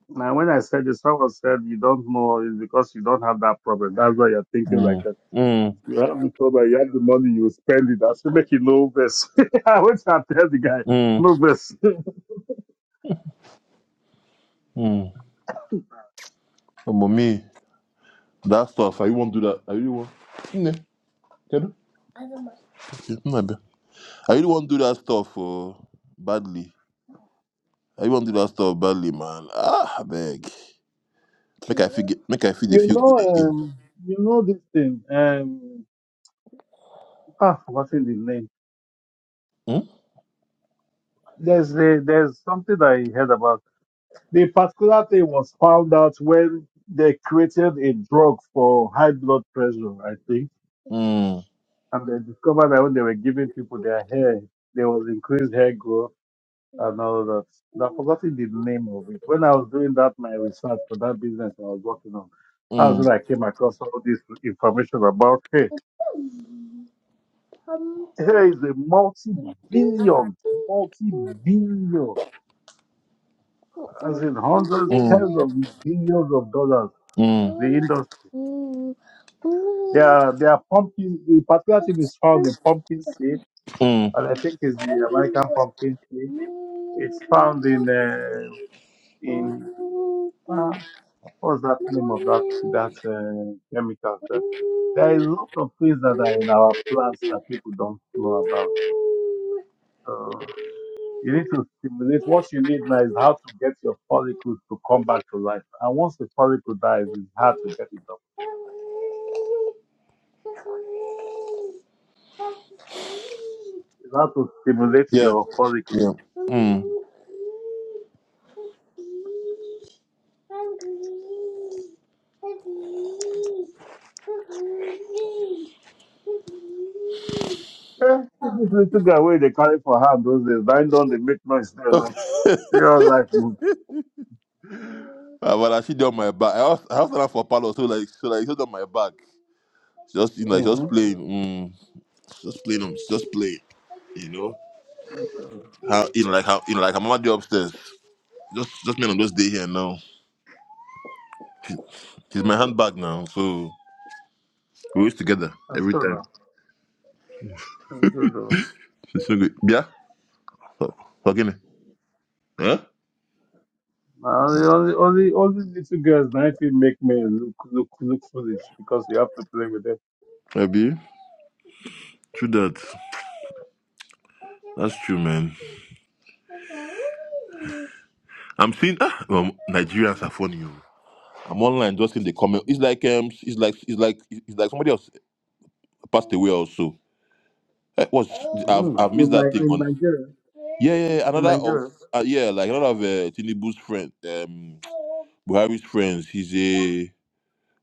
A: Now when I said this, someone said you don't know is because you don't have that problem. That's why you're thinking like
C: Mm.
A: that.
C: Mm.
A: If you have the problem, you have the money, you will spend it. I should make you no verse. I went to tell the guy,
C: Mm.
A: no verse.
C: Mm. Oh, mommy, that stuff, I really won't do that. I really won't. Yeah. Okay, no, I bet. I really won't do that stuff uh, badly. I really won't do that stuff badly, man. Ah, I beg. Make I feel, get- make I feel they
A: You
C: feel good
A: know,
C: again.
A: um, you know this thing. Um, ah, name. There's a, there's something I heard about. The particular thing was found out when they created a drug for high blood pressure, I think,
C: Hmm?
A: and they discovered that when they were giving people their hair, there was increased hair growth
C: Mm.
A: and all that. I've forgotten the name of it. When I was doing that my research for that business I was working on, that's
C: Mm.
A: when I came across all this information about hair. Here is a multi-billion, multi-billion, as in hundreds, tens of billions of dollars. The industry,
C: Mm.
A: they are, they are pumping, the particular thing is found in pumpkin seed, and I think it's the American pumpkin seed. It's found in, uh, in, uh, what's that name of that, that, uh, chemical? That, there is a lot of things that are in our plants that people don't know about. So, You need to stimulate. What you need now is how to get your follicles to come back to life. And once the follicle dies, it's hard to get it up.
C: Mm.
A: It's hard to stimulate
C: Yeah,
A: your follicles.
C: yeah. Mm.
A: Eh, this little guy where they carry for hand those days, bind on the make noise there now. Real life move.
C: Uh, but I she on my back. I asked, I asked her for Palo, so like, so like, she's on my back. She Just you know, like,
A: Mm.
C: just playing, mm, she just playing, um, she just playing. You know
A: That's all.
C: how you know, like how you know, like her mama do upstairs. Just, just me on those day here now. She, she's my
A: So,
C: handbag now, so we always together
A: That's
C: every
A: all
C: time.
A: now. That's good though.
C: She's so good. Yeah, fucking. Huh?
A: Now, the only, only, only little girls now it make me look, look, look foolish because you have to play with them.
C: Maybe. True that. That's true, man. I'm seeing ah, um, Nigerians are funny. oh. I'm online just in the comment. It's like um, it's like it's like it's like somebody else passed away also. Eh, what's I've
A: Mm.
C: I've missed
A: In,
C: that thing
A: Ni- in
C: on.
A: Nigeria.
C: Yeah, yeah, yeah,
A: In
C: another of
A: Nigeria.
C: uh, yeah, like another of uh, Tinubu's friend, um, Buhari's friends. He's a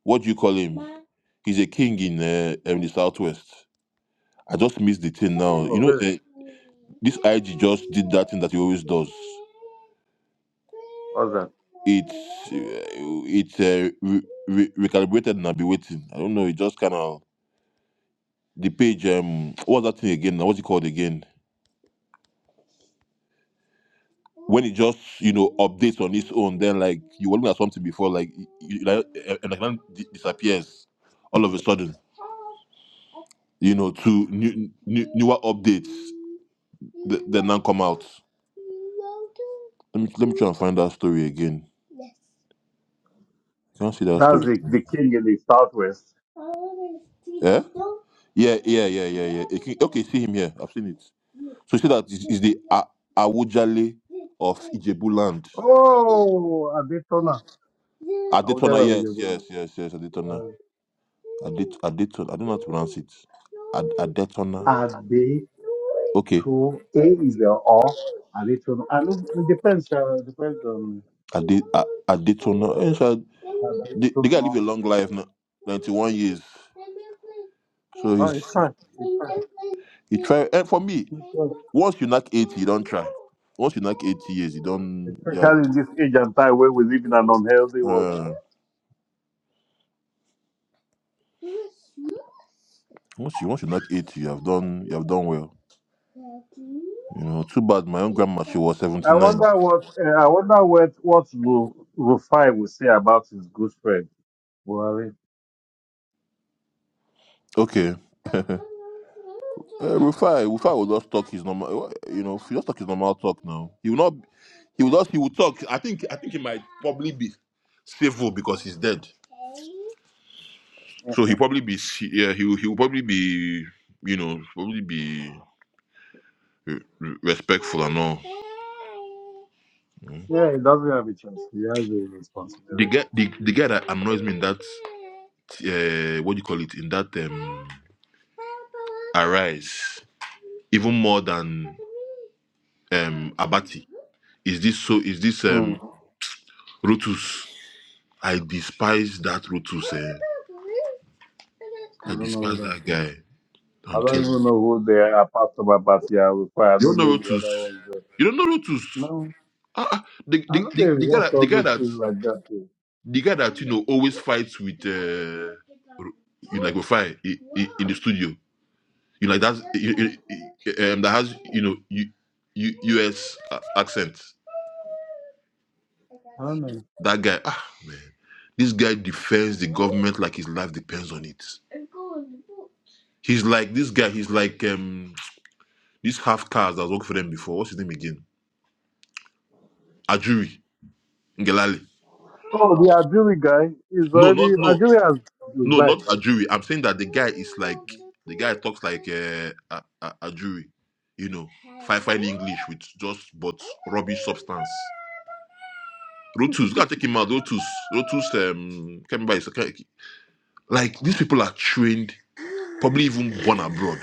C: what do you call him? He's a king in uh, in the southwest. I just missed the thing now. You
A: Oh,
C: know,
A: really?
C: uh, this IG just did that thing that he always does.
A: What's that?
C: It's uh, it's uh, re- re- recalibrated and I'll be waiting. I don't know. It just kind of the page. Um, what's that thing again? now? What's it called again? When it just you know updates on its own, then like you were looking at something before, like you, you- like eh, eh, like then di- disappears all of a sudden. You know, to new, new newer updates that, that now come out. Let me let me try and find that story again. Can't see that
A: That's
C: story.
A: the, the king in the southwest.
C: Yeah? Yeah, yeah, yeah, yeah, yeah. It can- okay, see him here. I've seen it. So you see that is, is the A- Awujale of Ijebu land.
A: Oh, Adetona.
C: Adetona,
A: Awujale,
C: yes,
A: Awujale.
C: yes, yes, yes, Adetona. Adet, Adetona, I don't know how to pronounce it. Ad,
A: Uh,
C: Adetona.
A: Ade
C: Okay,
A: to A is the O. Adetona. I know it depends. Uh, depends on
C: Adet, A- Adetona. Eh, so The, the guy lived
A: Adetona.
C: a long life, now, 91 years. So
A: Oh, it's
C: he's.
A: right. It's right.
C: You try, and for me,
A: It's right.
C: once you knock 80, you don't try. Once you knock 80 years, you don't, you have,
A: Especially in this age and time where we live in an unhealthy world.
C: uh, once you, once you knock 80, you have done, you have done well. You know, too bad my own grandma, she was
A: I
C: 79.
A: wonder what uh, I wonder what what Ru- Rufai will say about his good friend Buhari.
C: Okay. uh, Rufai, Rufai will just talk his normal, you know, he just talk his normal talk now. He will not, he will just, he will talk. I think, I think he might probably be civil because he's dead.
A: Yeah,
C: So he probably be se- yeah he will- he will probably be you know probably be re- re- respectful and all. Mm.
A: yeah, he doesn't have a chance. He has a
C: The
A: responsibility.
C: guy the, the guy that annoys me in that uh, what do you call it in that um arise even more than um Abati is this so is this um
A: Mm-hmm.
C: Rotus I despise that Rotus eh.
A: I
C: I
A: don't know who
C: despise
A: that
C: that
A: is.
C: guy
A: I
C: I'm
A: don't
C: telling you
A: even know who they are apart from Abatia Rufai. I
C: you don't
A: don't
C: know
A: know the
C: Rotus
A: other ones there.
C: you don't know Rotus
A: No,
C: Uh, the,
A: I
C: the,
A: know
C: the,
A: they
C: the guy
A: watch
C: that
A: all
C: the guy
A: those
C: that
A: things like that. Too.
C: the guy that you know always fights with uh you like with fire in, in the studio. You like that's you, you- um that has you know you, you U.S. accent.
A: I don't know.
C: That guy, ah man, this guy defends the government like his life depends on it. He's like this guy. He's like um this half caste that was working for them before. What's his name again? Ajuri Ngelale.
A: Oh, the Ajuri guy is
C: No,
A: already
C: not no.
A: Ajuri has
C: No, not
A: resigned. eh?
C: Ajuri. I'm saying that the guy is like the guy talks like uh, a, a Ajuri, you know, fine fine English with just but rubbish substance. Rotus, gotta take him out. Rotus, Rotus, um, can't remember his- can't- like these people are trained, probably even born abroad.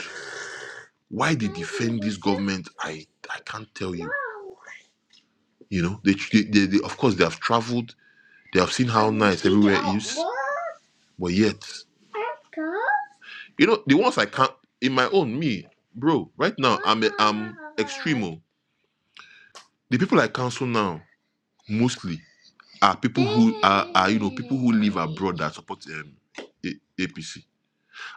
C: Why they defend this government, I I can't tell you. You know, they, they, they, they of course they have traveled, they have seen how nice everywhere is, but yet. You know, the ones I can't in my own me, bro. Right now, I'm a, I'm extremo. The people I counsel now mostly are people who are, are you know people who live abroad that support um, A- APC.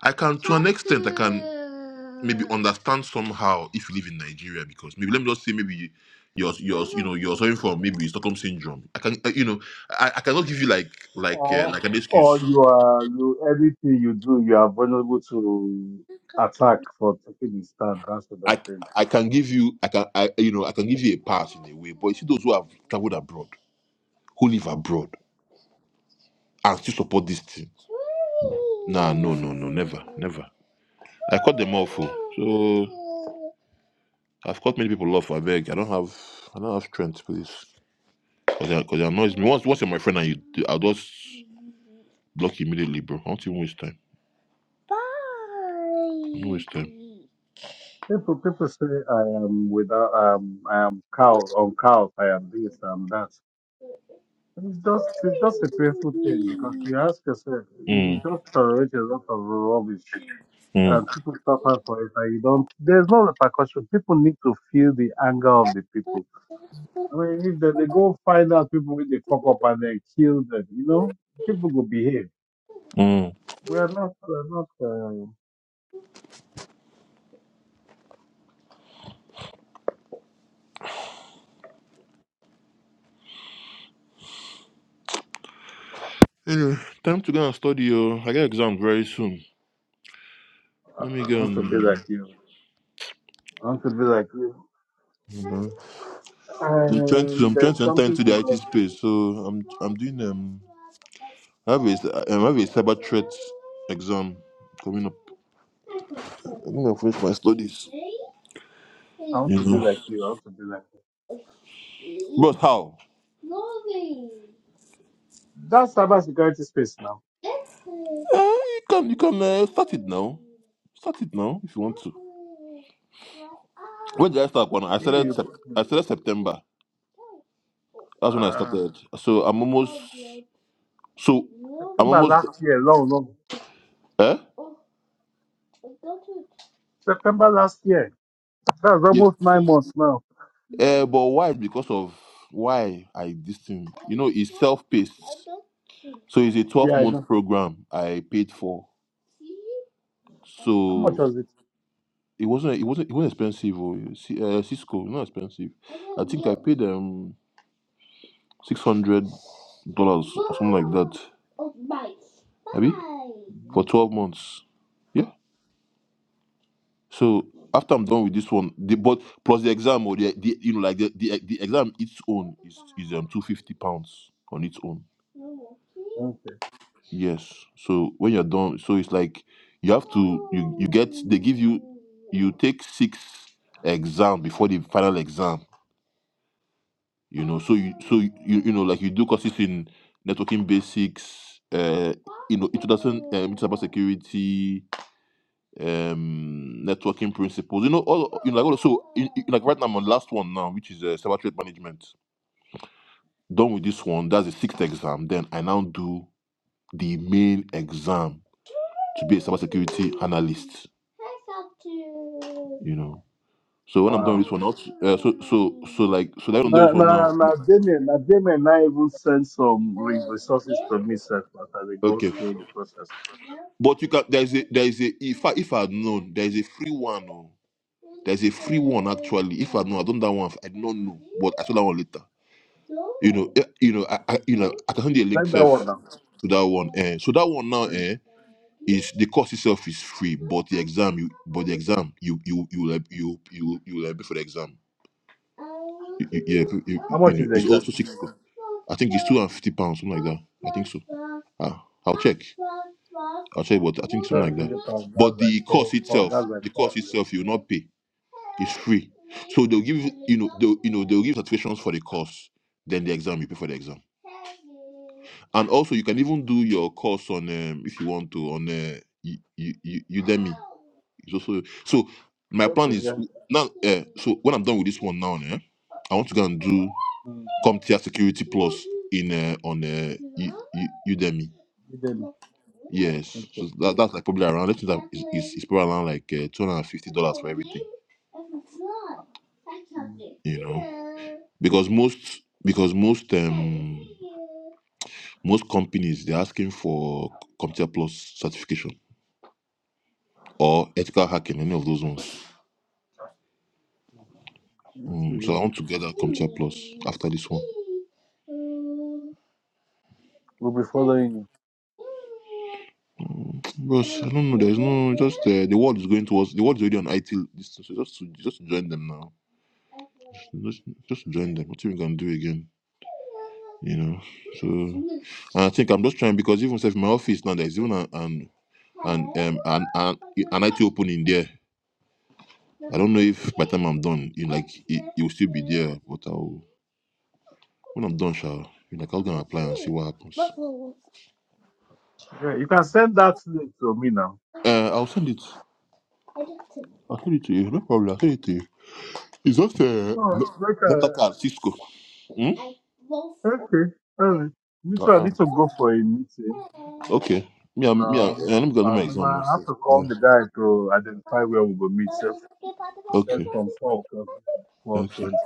C: I can to an extent I can maybe understand somehow if you live in Nigeria because maybe let me just say maybe you're you're you know you're suffering from maybe Stockholm syndrome. I can uh, you know I, I cannot give you like like uh,
A: Or
C: like an excuse.
A: or you are you anything you do you are vulnerable to attack for taking a stand, that sort
C: I I
A: of thing.
C: can give you I can I, you know I can give you a pass in a way, but you see those who have traveled abroad, who live abroad, and still support this thing. Nah, no, no, no, never, never. I cut them off. oh. So I've cut many people off. I beg. I don't have I don't have strength, please, because they cause they annoys me. Once once you're my friend and you, do- I'll just block you immediately, bro. I don't even waste time. Don't waste time.
A: People people say I am without um I am cow on cows, I am this, I am that. It's just it's just a painful thing because you ask yourself, you
C: Mm,
A: just tolerate a lot of rubbish
C: mm,
A: and people suffer for it and you don't there's no repercussion. People need to feel the anger of the people. I mean if they, they go find out people with the fuck up and they kill them, you know, people will behave.
C: mm.
A: We are not we're not uh,
C: Anyway, time to go and study. Oh, I get exam very soon. Let me
A: I
C: go
A: want to be
C: and. Uh,
A: like you. I want to be like you.
C: you know, I'm trying to.
A: And
C: I'm trying
A: there's
C: to enter
A: something
C: into
A: to
C: the IT
A: go.
C: space. So I'm. I'm doing. Um, I have a. I have a cyber threat exam coming up. I'm gonna finish my studies.
A: I want
C: You
A: to be
C: know,
A: like you. I want to be like you.
C: but how? Uh,
A: That's cyber security space now.
C: you can. You can uh, start it now. Start it now if you want to. When did I start? One. I
A: You,
C: started.
A: you
C: Sep-
A: put
C: I started September. That's when I
A: me.
C: started. So I'm almost. So I'm
A: September
C: almost.
A: last year, long, long.
C: Eh?
A: September last year. That's
C: Yes.
A: almost nine months now.
C: Uh, but why? Because of why I this thing. You know, it's self-paced. So it's a
A: Yeah, I
C: 12-month
A: know.
C: program I paid for.
A: How much
C: So
A: was it?
C: it wasn't. It wasn't. It wasn't expensive. Oh, You see, uh, Cisco, not expensive. I think I paid um six hundred dollars or something like that. Abi? For
A: Mhm.
C: twelve months. Yeah. So after I'm done with this one, the but plus the exam or the, the you know like the, the the exam its own is is um two fifty pounds on its own.
A: Okay.
C: Yes. So when you're done, so it's like you have to you you get they give you you take six exam before the final exam. You know, so you so you you know like you do courses in networking basics, uh, you know introduction um, to cyber security, um networking principles you know all you know like also in, in- like right now i'm on last one now which is uh, cyber threat management done with this one that's the sixth exam then i now do the main exam to be a cybersecurity analyst you know so when i'm done with
A: Wow.
C: this one out uh, so so so like so that i'm done with this
A: Now,
C: one now
A: now, now, Damien, now, Damien, now even send some re- resources to me, sir, as they go
C: okay
A: through the process.
C: But you can there's a there is a if I if I had known there's a free one oh. There's a free one actually. If I know, I don't that one. I do not know, but I saw that one later. You know, eh, you know, I, I you know, I can send you a link
A: Send that
C: self
A: one now.
C: to that one. Eh. So that one now,
A: Hmm.
C: eh, is the course itself is free, but the exam, you, but the exam, you, you, you, will- you, you, you will be for the exam. Y- Yeah, you, you,
A: How
C: you
A: much
C: know,
A: is the
C: it's
A: exam?
C: also six. I think it's two hundred fifty pounds, something like that. I think so. Ah, I'll check. I'll check, but I think something
A: Sir,
C: like
A: three
C: that.
A: hundred pounds.
C: But
A: That's like
C: the course
A: four, four.
C: itself,
A: That's like
C: the
A: four.
C: course
A: euros.
C: itself, you will not pay. It's free. So they'll give you, you know, they'll, you know, they'll give certifications for the course, then the exam, you pay for the exam. And also, you can even do your course on, um, if you want to, on uh, U- U- U- Udemy. It's also so. My plan
A: Okay,
C: is
A: yeah.
C: now. Uh, so when I'm done with this one now, eh, I want to go and do
A: Hmm.
C: CompTIA Security Plus in uh, on uh, U- U- Udemy. Yes, so that, that's like probably around. Let's say that is is is probably around like uh, two hundred and fifty dollars for everything. You know, because most because most um most companies they're asking for Computer Plus certification or ethical hacking, any of those ones. Mm, so I want to get that Computer Plus after this one.
A: We'll be following you.
C: Because I don't know. There's no no, just uh, the world is going towards the world is already on IT. This, thing, so just to, just join them now. Just, just join them. What you can do again? You know. So and I think I'm just trying because even if my office now there's even an an an um, an, an, an IT open in there. I don't know if by the time I'm done, you know, like it, it will still be there. But I'll when I'm done, shall you know, like, I'll gonna apply and see what happens.
A: Okay, you can send that link to me now.
C: Uh, I'll send it. I'll send it to you. No problem. I'll send it to you. Isofia,
A: Oh,
C: not, not like a
A: okay.
C: car, Cisco. Hmm?
A: Okay. All right. Me too. I
C: Uh-uh.
A: need to go for a meeting.
C: Okay. Me, I'm, me, I'm,
A: No,
C: let me go do
A: I
C: my
A: never
C: exam
A: I
C: now.
A: have
C: sis.
A: to call
C: Uh,
A: the guy to identify where we will meet. Set, said
C: okay.
A: from 4 o'clock,
C: Okay.
A: 4.20.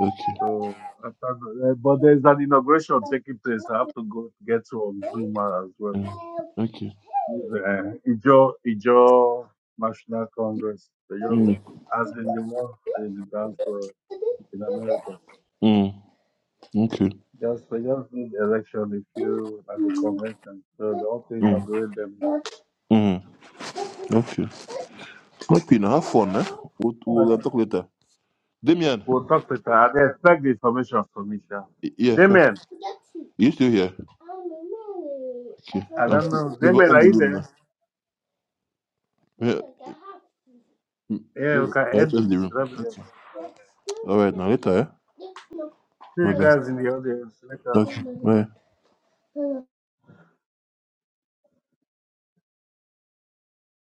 C: Okay.
A: So, after, the- eh, but there's an inauguration taking place. I have to go get to on Zoom as well.
C: Mm. Okay.
A: Uh, Ijo, Ijo National Congress. They just,
C: Mm.
A: as in the world, in, dance for- in America.
C: Mm. Okay.
A: Just, they just need election if you at the
C: Mm.
A: convention. So they also inaugurate them now.
C: Mm. Okay. Okay, now have fun, eh? We'll, we'll talk later. Damien,
A: We'll talk later. I they expect the information from me, sure.
C: y- yeah, sure.
A: Damien,
C: You still here? Okay.
A: I
C: I'm,
A: don't know.
C: maybe will
A: Damien,
C: end
A: are
C: the
A: you
C: room now.
A: there?
C: Yeah. Mm,
A: Yeah, we
C: Yeah,
A: can
C: yeah, that's
A: end it.
C: the room.
A: Love you
C: Okay.
A: guys.
C: All right, now later. Eh?
A: See
C: Well
A: you
C: done.
A: guys in the audience later.
C: Okay. Bye.